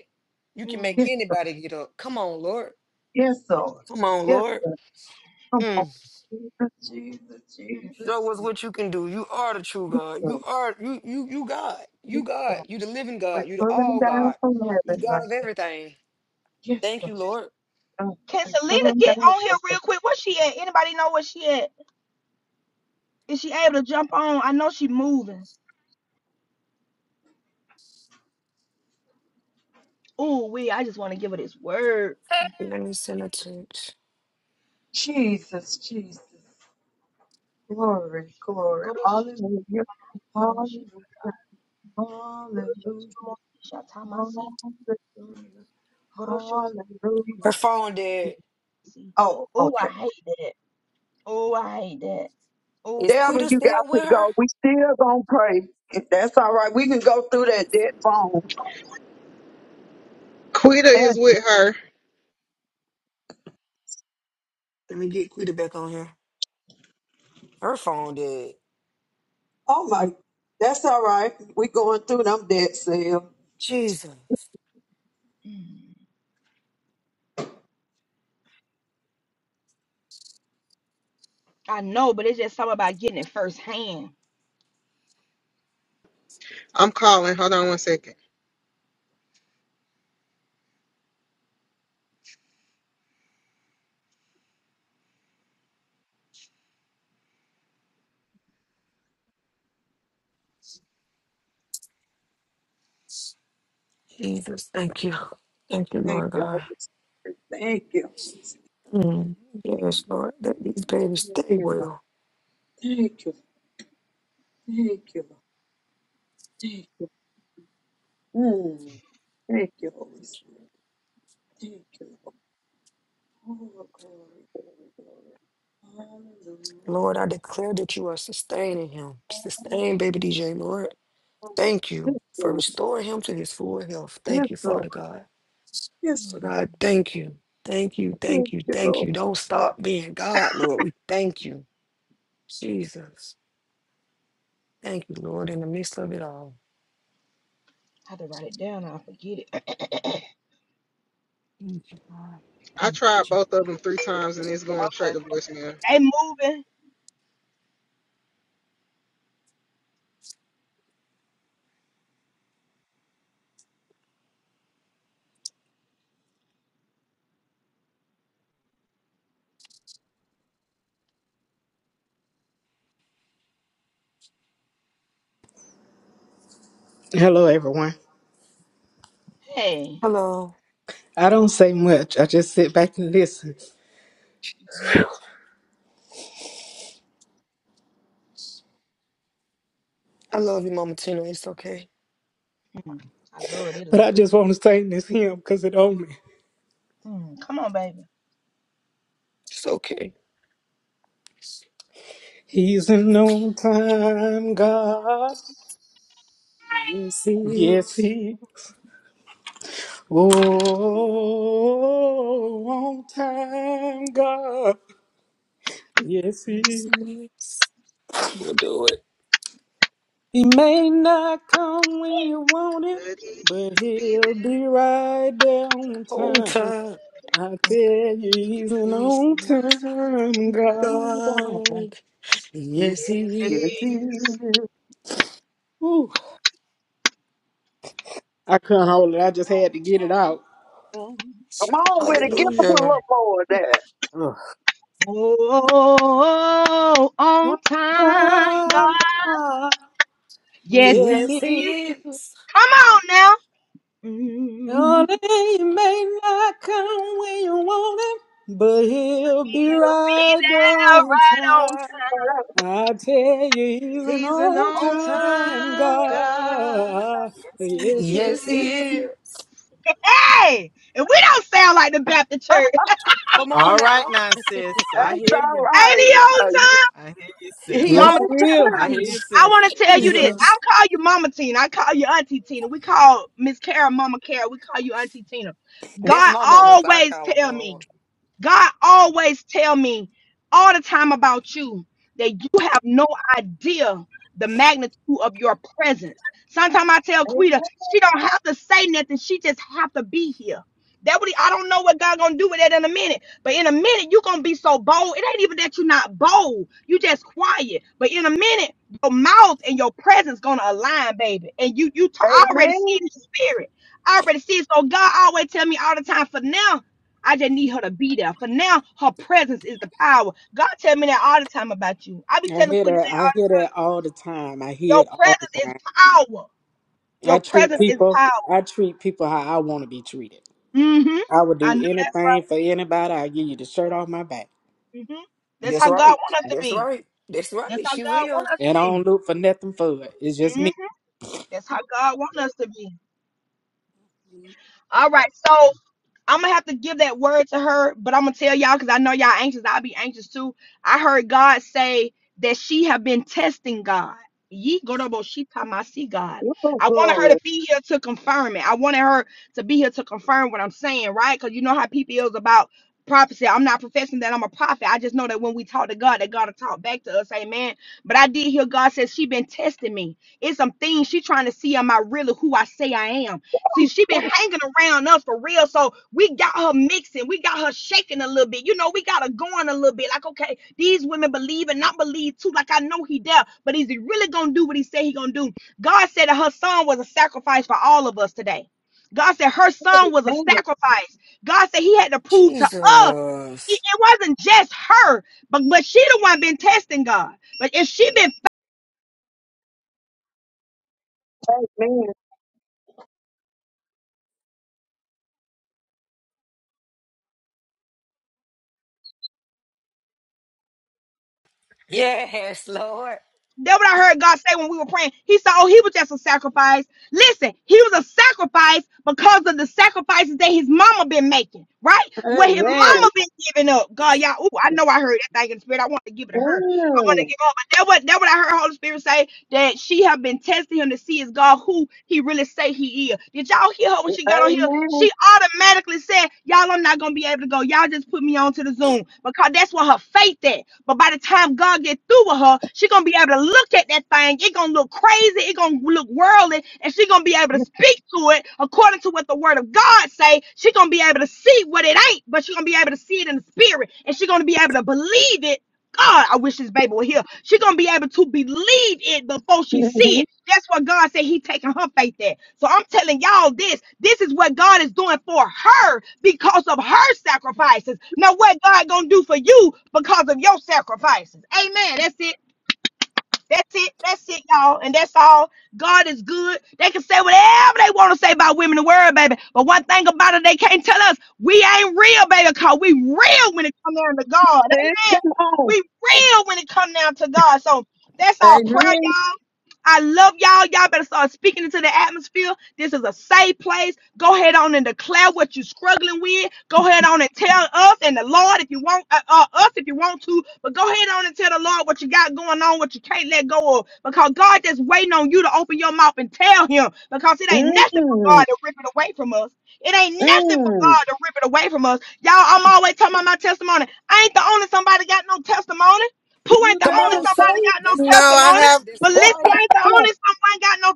You can make
mm,
Yes, sir.
anybody get up. Come on, Lord.
Yes, Lord.
Come on,
Yes,
Lord.
sir. Come on.
Mm.
Jesus, Jesus,
mm.
Jesus.
Show us what you can do. You are the true
Yes,
God.
sir.
You are you you you God. You
Yes, sir.
God. You the living
We're
God. You the
pulling
all
down
God.
from
You the
heaven right
God of
now.
everything.
Yes,
Thank
sir.
you, Lord.
Oh,
Can
we are
Selena
pulling down
get on here
from heaven.
real quick? Where she at? Anybody know where she at? Is she able to jump on? I know she moving. Ooh, we. I just want to give her this word.
Mm.
Jesus, Jesus. Glory, glory,
Go to she.
hallelujah,
Go to she.
hallelujah,
Go
hallelujah,
to she. Go to she.
hallelujah,
Go to she. Go to
Her
hallelujah.
phone dead.
she.
Oh,
Ooh, I
okay.
hate that. Ooh, I hate that.
Is
Devin,
Quita
you got
still
to
with her?
go. We still gonna pray. If that's all right, we can go through that dead phone.
Quita is
And-
with her.
Let me get Quita back on here. Her phone dead.
oh my, that's all right. We going through them dead cell.
Jesus.
mm, I know, but it's just something about getting it firsthand.
I'm calling. Hold on one second.
Jesus, thank you. Thank you,
Thank
Lord
you, Holy
God.
Spirit. Thank you, Holy Spirit.
Mm.
Thank
Yes,
you,
Lord, that these babies
Lord. thank
stay
you, Lord.
well.
thank you, Lord. thank you, Lord. thank you. Lord. Mm. Thank you, Holy Spirit. Thank you, Lord. Oh, glory, glory, glory. Hallelujah.
Lord, I declare that you are sustaining him.
Hallelujah.
Sustain baby DJ, Lord. Thank you
Yes,
for
Lord.
restoring him to his full health.
Yes,
Thank you,
Lord.
Father God.
Yes,
So
mm.
God, thank you. Thank you,
thank
thank you,
you,
thank
Lord.
you. Don't stop being God, Lord. We thank you. Jesus. Thank you, Lord, in the midst of it all.
I have to write it down. I forget it.
Thank you, God. Thank
I
you.
tried
Jesus.
both of them three times and it's going
okay,
straight to voicemail.
they moving.
Hello, everyone.
Hey.
Hello.
I don't say much. I just sit back and listen.
I love you, Mama Tina. It's okay.
Mm, I love that
But
lady.
I just want to sing this hymn because it owned me.
Mm, come on, baby.
It's okay.
He's an on time God.
Yes, it
Yes,
is.
he is. Oh, on time God. Yes, he is.
Yes. He'll do it
He may not come when you want him, but he'll be right there on
whole
time.
time.
I tell you, he's an
He's
on time God.
Oh, God.
God.
Yes,
Yes,
Yeah.
If
he
he
is.
Yes,
you
he
is.
is.
I couldn't hold it. I just
don't
had to get it out.
Come on with it. Give us a little
Hallelujah.
more of that.
Ugh.
Oh, on time, God.
i God.
Yes,
Yes,
He
Yes,
He
is.
he is.
Come on now. Mm,
only He may not come when you want Him, but He'll be
he'll be
right there
there
on
right on
time.
time.
I tell you, He's an
He's an
On
on
all-time
time God.
God. Yes, He
Yes,
Yes,
is.
he is.
Yes.
he is.
Hey, if we don't sound like the Baptist church, ain't
Come on
All right
now.
now, sis. I hear
That's all
you.
right.
he on
Uh,
I hear you, sis.
he
time?
Yes,
on
He is.
I hear
time.
you,
I
sis.
want to tell
You
you this.
see?
I
Jesus.
don't call you Mama Tina. I call you Auntie Tina. We call Miss Kara Mama Kara. We call you Auntie Tina.
That's
God
my mama, so I
always
call her
tell me.
mama.
God always tell me all the time about you that you have no idea the magnitude of your presence. Sometimes I tell Quita,
Amen.
she don't have to say nothing. She just have to be here. That what he I don't know what God gonna do with that in a minute. But in a minute, you gonna be so bold. It ain't even that you're not bold. You just quiet. But in a minute, your mouth and your presence gonna align, baby. And you you t- I already see
Amen.
it in the spirit. I already see it. So God always tell me all the time for now I just need her to be there. For now, her presence is the power. God tell me that all the time about you. I be
I
telling
hear
Quita
that.
that all
I
the
hear
time.
that all the time. I hear
Your
it all the
presence is
time.
power. Your
I treat
presence is
people.
power.
I treat people how I want to be treated.
Mm-hmm.
I would
I
do
know that's
anything for anybody. I give you the shirt off my back,
right. Mm-hmm. That's
That's
how God
right.
want us to
That's
be.
right. That's
That's
right.
how
She
God want
will.
us
and I
to be.
don't look for nothing for it. It's just
Mm-hmm.
me.
That's how God want us to be. All right. so. I'm gonna have to give that word to her, but I'm gonna tell y'all because I know y'all anxious. I'll be anxious too. I heard God say that she have been testing God. Ye gorobo shi tamasi God.
Oh,
I wanted her
glory.
to be here to confirm it. I wanted her to be here to confirm what I'm saying, right? Because you know how people is about prophecy. I'm not professing that I'm a prophet. I just know that when we talk to God, that God will talk back to us. Amen. But I did hear God says she been testing me. It's some things she trying to see am I really who I say I am. See, she been
Oh,
hanging around us for real. So we got her mixing. We got her shaking a little bit. You know, we got her going a little bit. Like, okay, these women believe and not believe too. Like, I know he there, but is he really gonna do what he said he gonna do? God said that her son was a sacrifice for all of us today. God said her son was a
man.
sacrifice. God said he had to prove to us. It
Jesus.
it wasn't just her, but but she the one been testing God. But if she been
Amen.
Yes, Lord.
That what I heard God say when we were praying. He said, Oh, he was just a sacrifice. Listen, he was a sacrifice because of the sacrifices that his mama been making, right? What his
Amen.
mama been giving up. God, y'all, ooh, I know I heard that thing in the spirit. I want to give it to her. I want to
Mm.
give her. But that what that what I heard Holy Spirit say that she have been testing him to see is God who he really say he is. Did y'all hear her when she got on here?
Amen.
She automatically said, Y'all, I'm not gonna be able to go. Y'all just put me on to the Zoom because that's what her faith at. But by the time God get through with her, she gonna be able to look at that thing. It gonna look crazy. It gonna look worldly, and she gonna be able to speak to it according to what the Word of God say. She gonna be able to see what it ain't, but she gonna be able to see it in the spirit, and she gonna be able to believe it. God, I wish this baby were here. She gonna be able to believe it before she see it. That's what God said He taking her faith there. So I'm telling y'all this. This is what God is doing for her because of her sacrifices. Now what God gonna do for you because of your sacrifices. Amen. That's it. That's it. That's it, y'all. And that's all. God is good. They can say whatever they want to say about women in the world, baby. But one thing about it, they can't tell us we ain't real, baby, because we real when it comes down to God.
Sis,
Amen.
come on.
We real when it comes down to God. So that's our prayer,
Amen.
y'all. I love y'all. Y'all better start speaking into the atmosphere. This is a safe place. Go ahead on and declare what you're struggling with. Go ahead on and tell us and the Lord if you want uh, uh, us if you want to, but go ahead on and tell the Lord what you got going on, what you can't let go of, because God just waiting on you to open your mouth and tell Him, because it ain't nothing for God
Mm.
to rip it away from us. It ain't nothing for
Mm.
God to rip it away from us. Y'all, I'm always talking about my testimony. I ain't the only somebody got no testimony. Pooh
You
ain't the
Come
better
only
on,
somebody
sir.
got
say
no
That's
No,
right.
I
testimony.
have.
That's
it.
Valencia
right.
ain't the only someone got no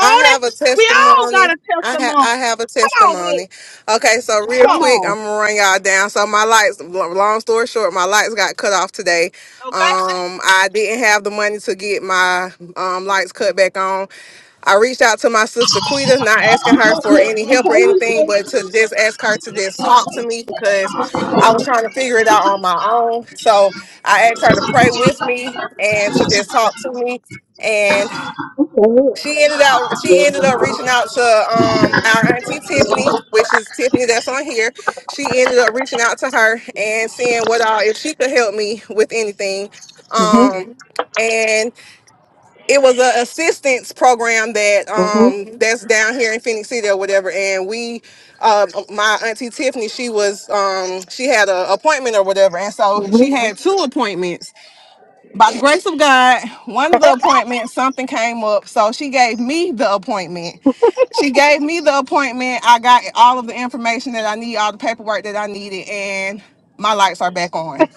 I have a
We all got
testimony.
a
I have
testimony.
I have a
Come on with it.
testimony. Okay, so real
Come
Come
on,
quick,
on.
I'm gonna run y'all down. So my lights, lo- long story short, my lights got cut off today.
okay?
Um, I didn't have the money to get my um lights cut back on. I reached out to my sister Quita, not asking her for any help or anything, but to just ask her to just talk to me because I was trying to figure it out on my own. So I asked her to pray with me and to just talk to me.
Mhm,
She ended out. She ended up reaching out to um our auntie Tiffany, which is Tiffany that's on here. She ended up reaching out to her and seeing what all if she could help me with anything. Um, and it was a assistance program that
mhm,
um that's down here in Phoenix City or whatever. And we, uh, my auntie Tiffany, she was um she had an appointment or whatever, and so
mhm.
she had two appointments by the grace of God, one of the appointments, something came up. So she gave me the appointment. She gave me the appointment. I got all of the information that I need, all the paperwork that I needed, and my lights are back on.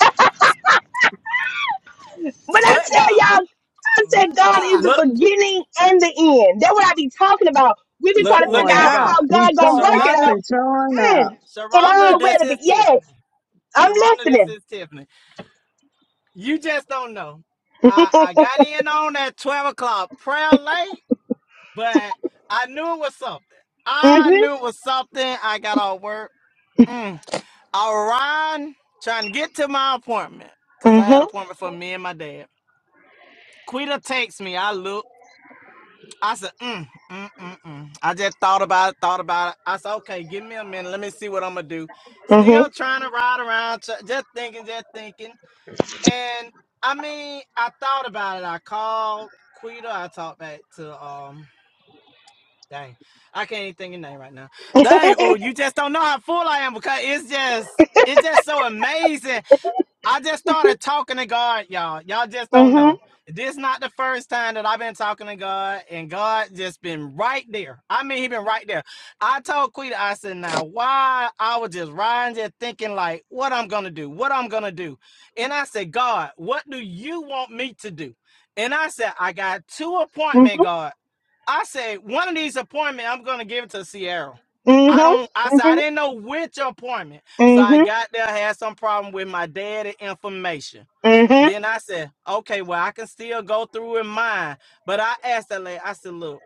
When I
But
tell
God.
y'all, God
But
said God
God.
is the
Look,
beginning and the end. That's what I be talking about. We be trying
look,
to
look
figure
Showing
at
out
out.
how
God.
Be
God gonna
showing
work it
up
Sharonda,
out.
and showing out.
Mm, it
Sharonda, this
already,
is
but
Tiffany.
yes, I'm
Sharonda, this
listening.
is Tiffany. You just don't know. I, I got in on that 12 o'clock prayer late, but I knew it was something. I
Mhm,
knew it was something. I got off work. Mm. I ran trying to get to my appointment because I had an appointment for me and my dad. Quita takes me. I look. I said, mm, mm, mm, mm. I just thought about it, thought about it. I said, okay, give me a minute. Let me see what I'm gonna do.
mhm,
Still
mhm,
trying to ride around, tr- just thinking, just thinking. And I mean, I thought about it. I called Quita. I talked back to um, dang, I can't even think of your name right now. Dang, oh,
mhm,
you just don't know how full I am because it's just, it's just so amazing. I just started talking to God, y'all. Y'all just don't
mhm,
know. This is not the first time that I've been talking to God, and God just been right there. I mean, he been right there. I told Quita, I said, now why I was just riding there thinking like what I'm gonna do, what I'm gonna do. And I said, God, what do you want me to do? And I said, I got two appointment, God. I said one of these appointments, I'm gonna give it to Sierra.
mhm,
I don't. I said I didn't know which appointment, so
mhm,
I
mhm,
got there, had some problem with my data information.
mhm,
Then I said, okay, well I can still go through in mine, but I asked that lady. I said, look.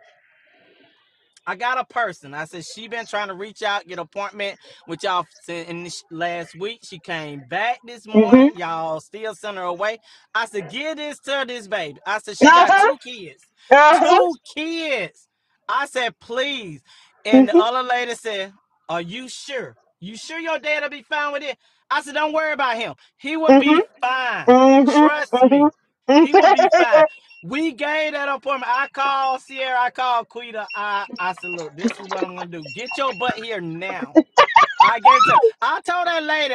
I got a person. I said she been trying to reach out, get an appointment with y'all in last week. She came back this
mhm.
morning. Y'all still sent her away. I said, give this to this baby. I said she got
Uh-huh.
two kids,
Uh-huh.
two kids. I said, please. And the
Mhm.
other lady said, are you sure? You sure your dad'll be fine with it? I said, don't worry about him. He will
Mhm.
be fine.
Mhm.
Trust
Mhm.
me. He will be fine.
Mhm.
We gave that appointment. I called Sierra. I called Quita. I I said, look, this is what I'm gonna do. Get your butt here now. I gave guarantee. I told that lady,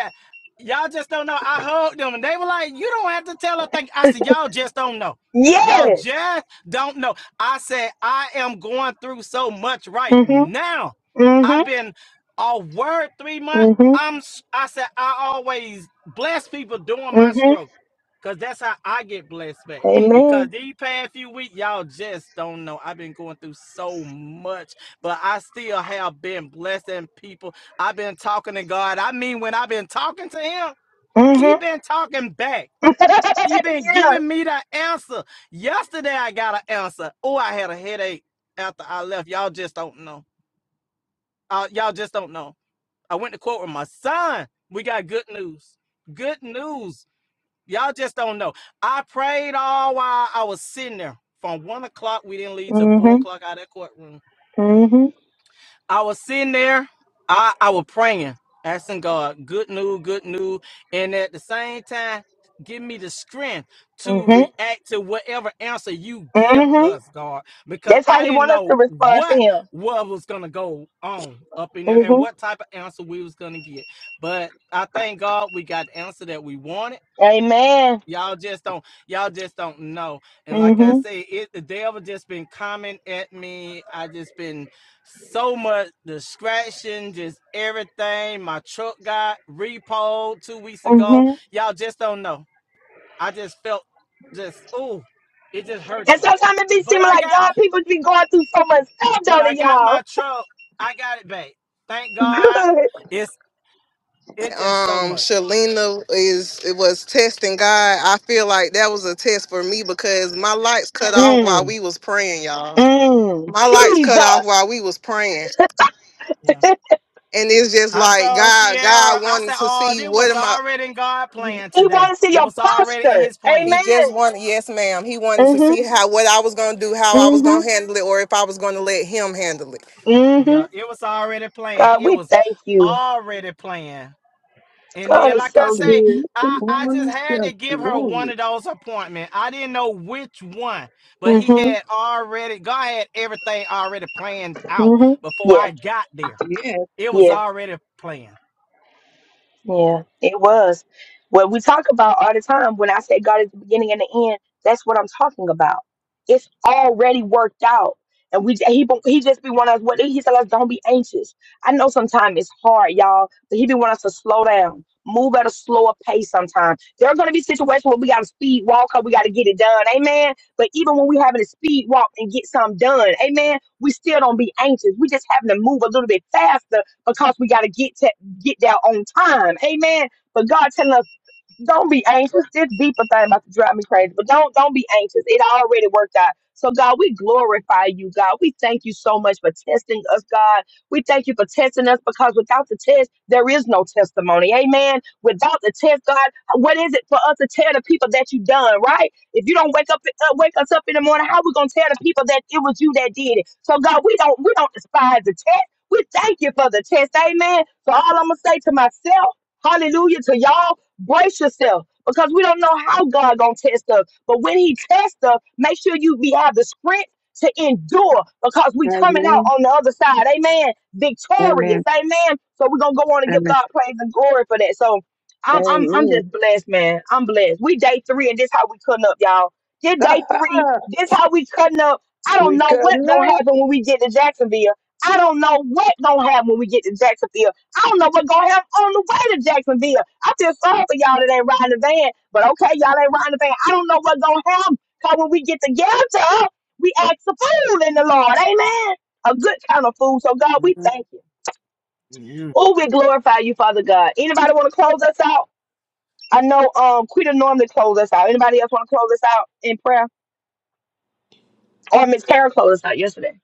y'all just don't know. I hugged them, and they were like, "You don't have to tell her." Thing. I said, "Y'all just don't know. Y'all
Yes.
just don't know." I said, "I am going through so much right
Mhm.
now.
Mhm.
I've been a word three months.
Mhm.
I'm. s- i am I said I always bless people during my
Mhm.
struggle." Cause that's how I get blessed back. Because
Amen.
these past few weeks, y'all just don't know. I've been going through so much, but I still have been blessing people I've been talking to God. I mean, when I've been talking to him, he
Mhm.
been talking back. He been
yeah.
giving me the answer. Yesterday I got an answer. Oh, I had a headache after I left. Y'all just don't know. Uh, y'all just don't know. I went to court with my son. We got good news. Good news. Y'all just don't know. I prayed all while I was sitting there. From one o'clock, we didn't leave till four
Mhm.
o'clock out of that courtroom.
Mhm.
I was sitting there, I, I was praying, asking God, good news, good news. And at the same time, give me the strength to
Mhm.
react to whatever answer you give
Mhm.
us, God, because
That's how
I
he
didn't
wants us to
know
respond to
what
him.
what was gonna go on up in there and
Mhm.
what type of answer we was gonna get. But I thank God we got the answer that we wanted.
Amen.
Y'all just don't, y'all just don't know. And like I
Mhm.
say, it the devil just been coming at me. I just been so much distraction, just everything. My truck got repoed two weeks ago.
Mhm.
Y'all just don't know. I just felt just ooh, it just hurted
And
me.
sometimes it be
But
seeming
I
like
got,
God, people be going through so much stuff,
but
don't it,
I got
y'all?
my truck. I got it back. Thank God.
Good.
It's it just so
Um,
much.
Shalina is it was testing God. I feel like that was a test for me because my lights cut off while
Mm.
we was praying, y'all.
Mm.
My lights cut off
Jesus.
while we was praying.
Yeah.
And it's just
I
like
told
God,
Sierra,
God
I
wanted
said,
to
oh,
see
this
what
was
am I
already in God
He
plan
want
today.
to see
It
your
was already in
posture.
his
He
plan.
Amen.
just wanted, yes, ma'am. He wanted to see
Mm-hmm.
how what I was gonna do, how I was gonna
Mm-hmm.
handle it, or if I was gonna let him handle it.
Mm-hmm.
Yeah, it was already planned.
God,
It
we
was
thank you.
already planned. And
God
then,
is
like I
so
So
say,
good.
keep the
I, I just
morning
had
shift
to give her
going.
one of those appointments. I didn't know which one, but he
Mm-hmm.
had already, God had everything already planned out
Mm-hmm.
before
Yeah.
I got there.
Yes.
It was
Yeah.
already planned.
Yeah, it was. What we talk about all the time, when I say God is the beginning and the end, that's what I'm talking about. It's already worked out. And we he bo- he just be wanting us what he tell us don't be anxious. I know sometimes it's hard, y'all, but he be wanting us to slow down, move at a slower pace sometimes. There are gonna be situations where we gotta speed walk up, we gotta get it done, amen. But even when we having a speed walk and get something done, amen, we still don't be anxious. We just having to move a little bit faster because we gotta get to get there on time. Amen. But God telling us don't be anxious. This deeper thing about to drive me crazy, but don't don't be anxious. It already worked out. So God, we glorify you, God. We thank you so much for testing us, God. We thank you for testing us because without the test, there is no testimony. Amen. Without the test, God, what is it for us to tell the people that you done, right? If you don't wake up uh, wake us up in the morning, how we gonna tell the people that it was you that did it? So God, we don't we don't despise the test. We thank you for the test. Amen. So all I'm gonna say to myself, hallelujah to y'all. Brace yourself because we don't know how God gonna test us. But when He tests us, make sure you be have the strength to endure because we coming out
Amen.
on the other side. Amen. Victorious.
Amen.
Amen. So we're gonna go on and give
Amen.
God praise and glory for that. So I'm I'm I'm
Amen.
just blessed, man. I'm blessed. We day three and this how we cutting up, y'all. This day three, this how we cutting up. I don't
we
know what
couldn't
gonna
up.
happen when we get to Jacksonville. I don't know what gonna happen when we get to Jacksonville. I don't know what gonna happen on the way to Jacksonville. I just sorry for y'all that ain't riding the van, but okay, y'all ain't riding the van. I don't know what's gonna happen. Cause when we get together, we act a food in the Lord, amen. A good kind of food. So God, we thank you. Oh, we glorify you, Father God. Anybody want to close us out? I know um Quita normally close us out. Anybody else want to close us out in prayer? Or Miss Kara closed us out yesterday.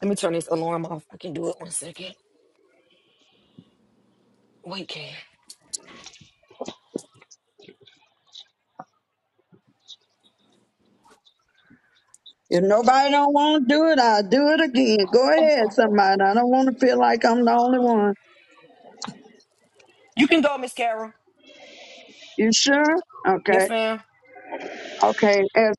Let me turn this alarm off. I can do it one second. Wait, can
If nobody don't want to do it, I'll do it again. Go ahead, somebody. I don't want to feel like I'm the only one.
you can go, Miss Carol?
You sure? Okay.
Yes, ma'am.
Okay, as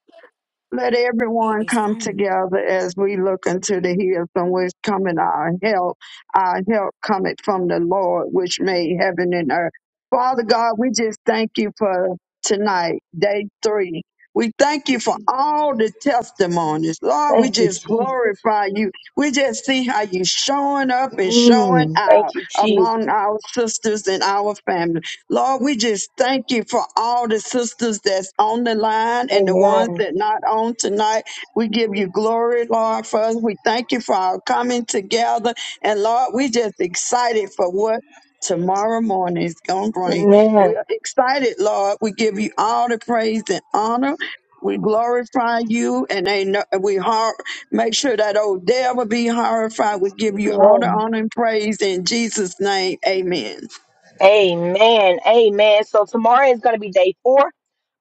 let
He
everyone
is
come
fine.
together as we look into the hills from which coming our help. Our help cometh from the Lord, which made heaven and earth. Father God, we just thank you for tonight, day three. We thank you for all the testimonies. Lord, we just glorify you. We just see how you showing up and showing out among our sisters and our family. Lord, we just thank you for all the sisters that's on the line and the ones that not on tonight. We give you glory, Lord, for us. We thank you for our coming together. And Lord, we just excited for what tomorrow morning is going to bring.
Amen.
We're excited, Lord. We give you all the praise and honor. We glorify you and ain't no, we har- make sure that old devil be horrified. We give you all the honor and praise in Jesus' name. Amen.
Amen. Amen. So tomorrow is going to be day four.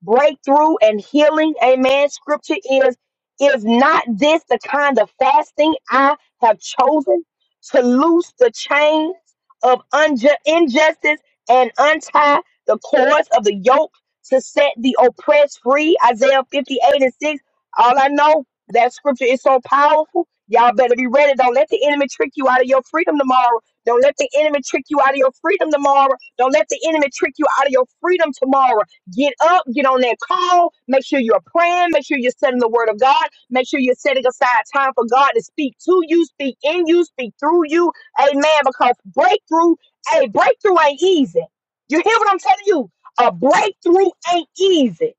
Breakthrough and healing. Amen. Scripture is, is not this the kind of fasting I have chosen to loose the chains of unju- injustice and untie the cords of the yoke to set the oppressed free? Isaiah 58 and 6. All I know, that scripture is so powerful. Y'all better be ready. Don't let the enemy trick you out of your freedom tomorrow. Don't let the enemy trick you out of your freedom tomorrow. Don't let the enemy trick you out of your freedom tomorrow. Get up, get on that call. Make sure you're praying. Make sure you're setting the word of God. Make sure you're setting aside time for God to speak to you, speak in you, speak through you. Amen. Because breakthrough, hey, breakthrough ain't easy. You hear what I'm telling you? A breakthrough ain't easy.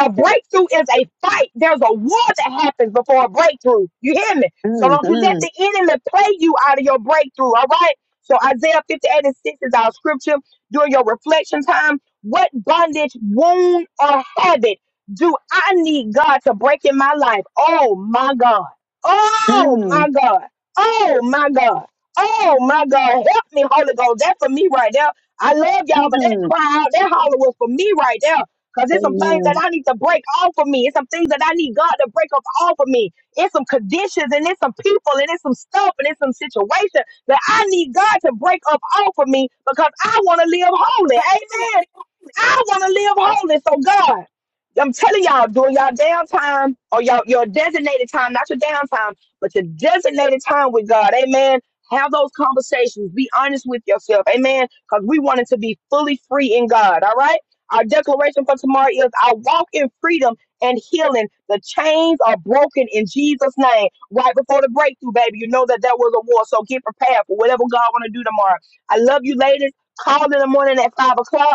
A, a breakthrough is a fight. There's a war that happens before a breakthrough. You hear me? So don't you
Mhm.
let the enemy play you out of your breakthrough. All right. So Isaiah 58 and 6 is our scripture. During your reflection time, what bondage, wound, or habit do I need God to break in my life? Oh my God. Oh
Mm,
my God. Oh my God. Oh my God. Help me, Holy Ghost. That's for me right there. I love y'all, but that
mm.
cry out, that holler was for me right there. Cause there's some things that
Amen.
I need to break off of me. It's some things that I need God to break up off of me. It's some conditions and it's some people and it's some stuff and it's some situations that I need God to break up off of me because I want to live holy.
'Cause I wanna
Amen.
live holy.
I want to live holy. So God, I'm telling y'all, during y'all downtime or y'all your designated time, not your downtime, but your designated time with God. Amen. Have those conversations. Be honest with yourself. Amen. Because we want it to be fully free in God. All right. Our declaration for tomorrow is I walk in freedom and healing. The chains are broken in Jesus' name. Right before the breakthrough, baby. You know that that was a war. So get prepared for whatever God want to do tomorrow. I love you, ladies. Call in the morning at five o'clock.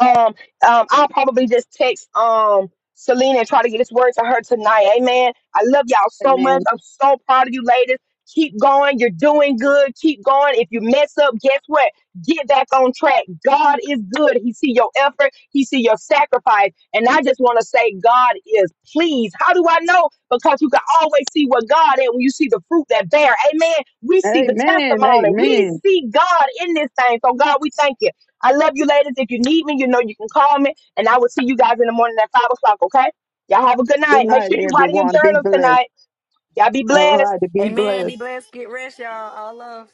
Um, um, I'll probably just text um Selena and try to get this word to her tonight. Amen. I love y'all so much.
Amen.
I'm so proud of you, ladies. Keep going. You're doing good. Keep going. If you mess up, guess what? Get back on track. God is good. He see your effort. He see your sacrifice. And I just want to say, God is pleased. How do I know? Because you can always see what God is when you see the fruit that bear. Amen. We see the
Amen.
testimony. We
Amen.
see God in this thing. So God, we thank you. I love you, ladies. If you need me, you know you can call me, and I will see you guys in the morning at five o'clock. Okay? Y'all have a good
Good
night. Make
night,
sure you write in your
everyone. Be
journals
blessed.
tonight. Y'all be
All
blessed.
right. Be
Amen. Be
blessed.
blessed. Get rest, y'all. All love.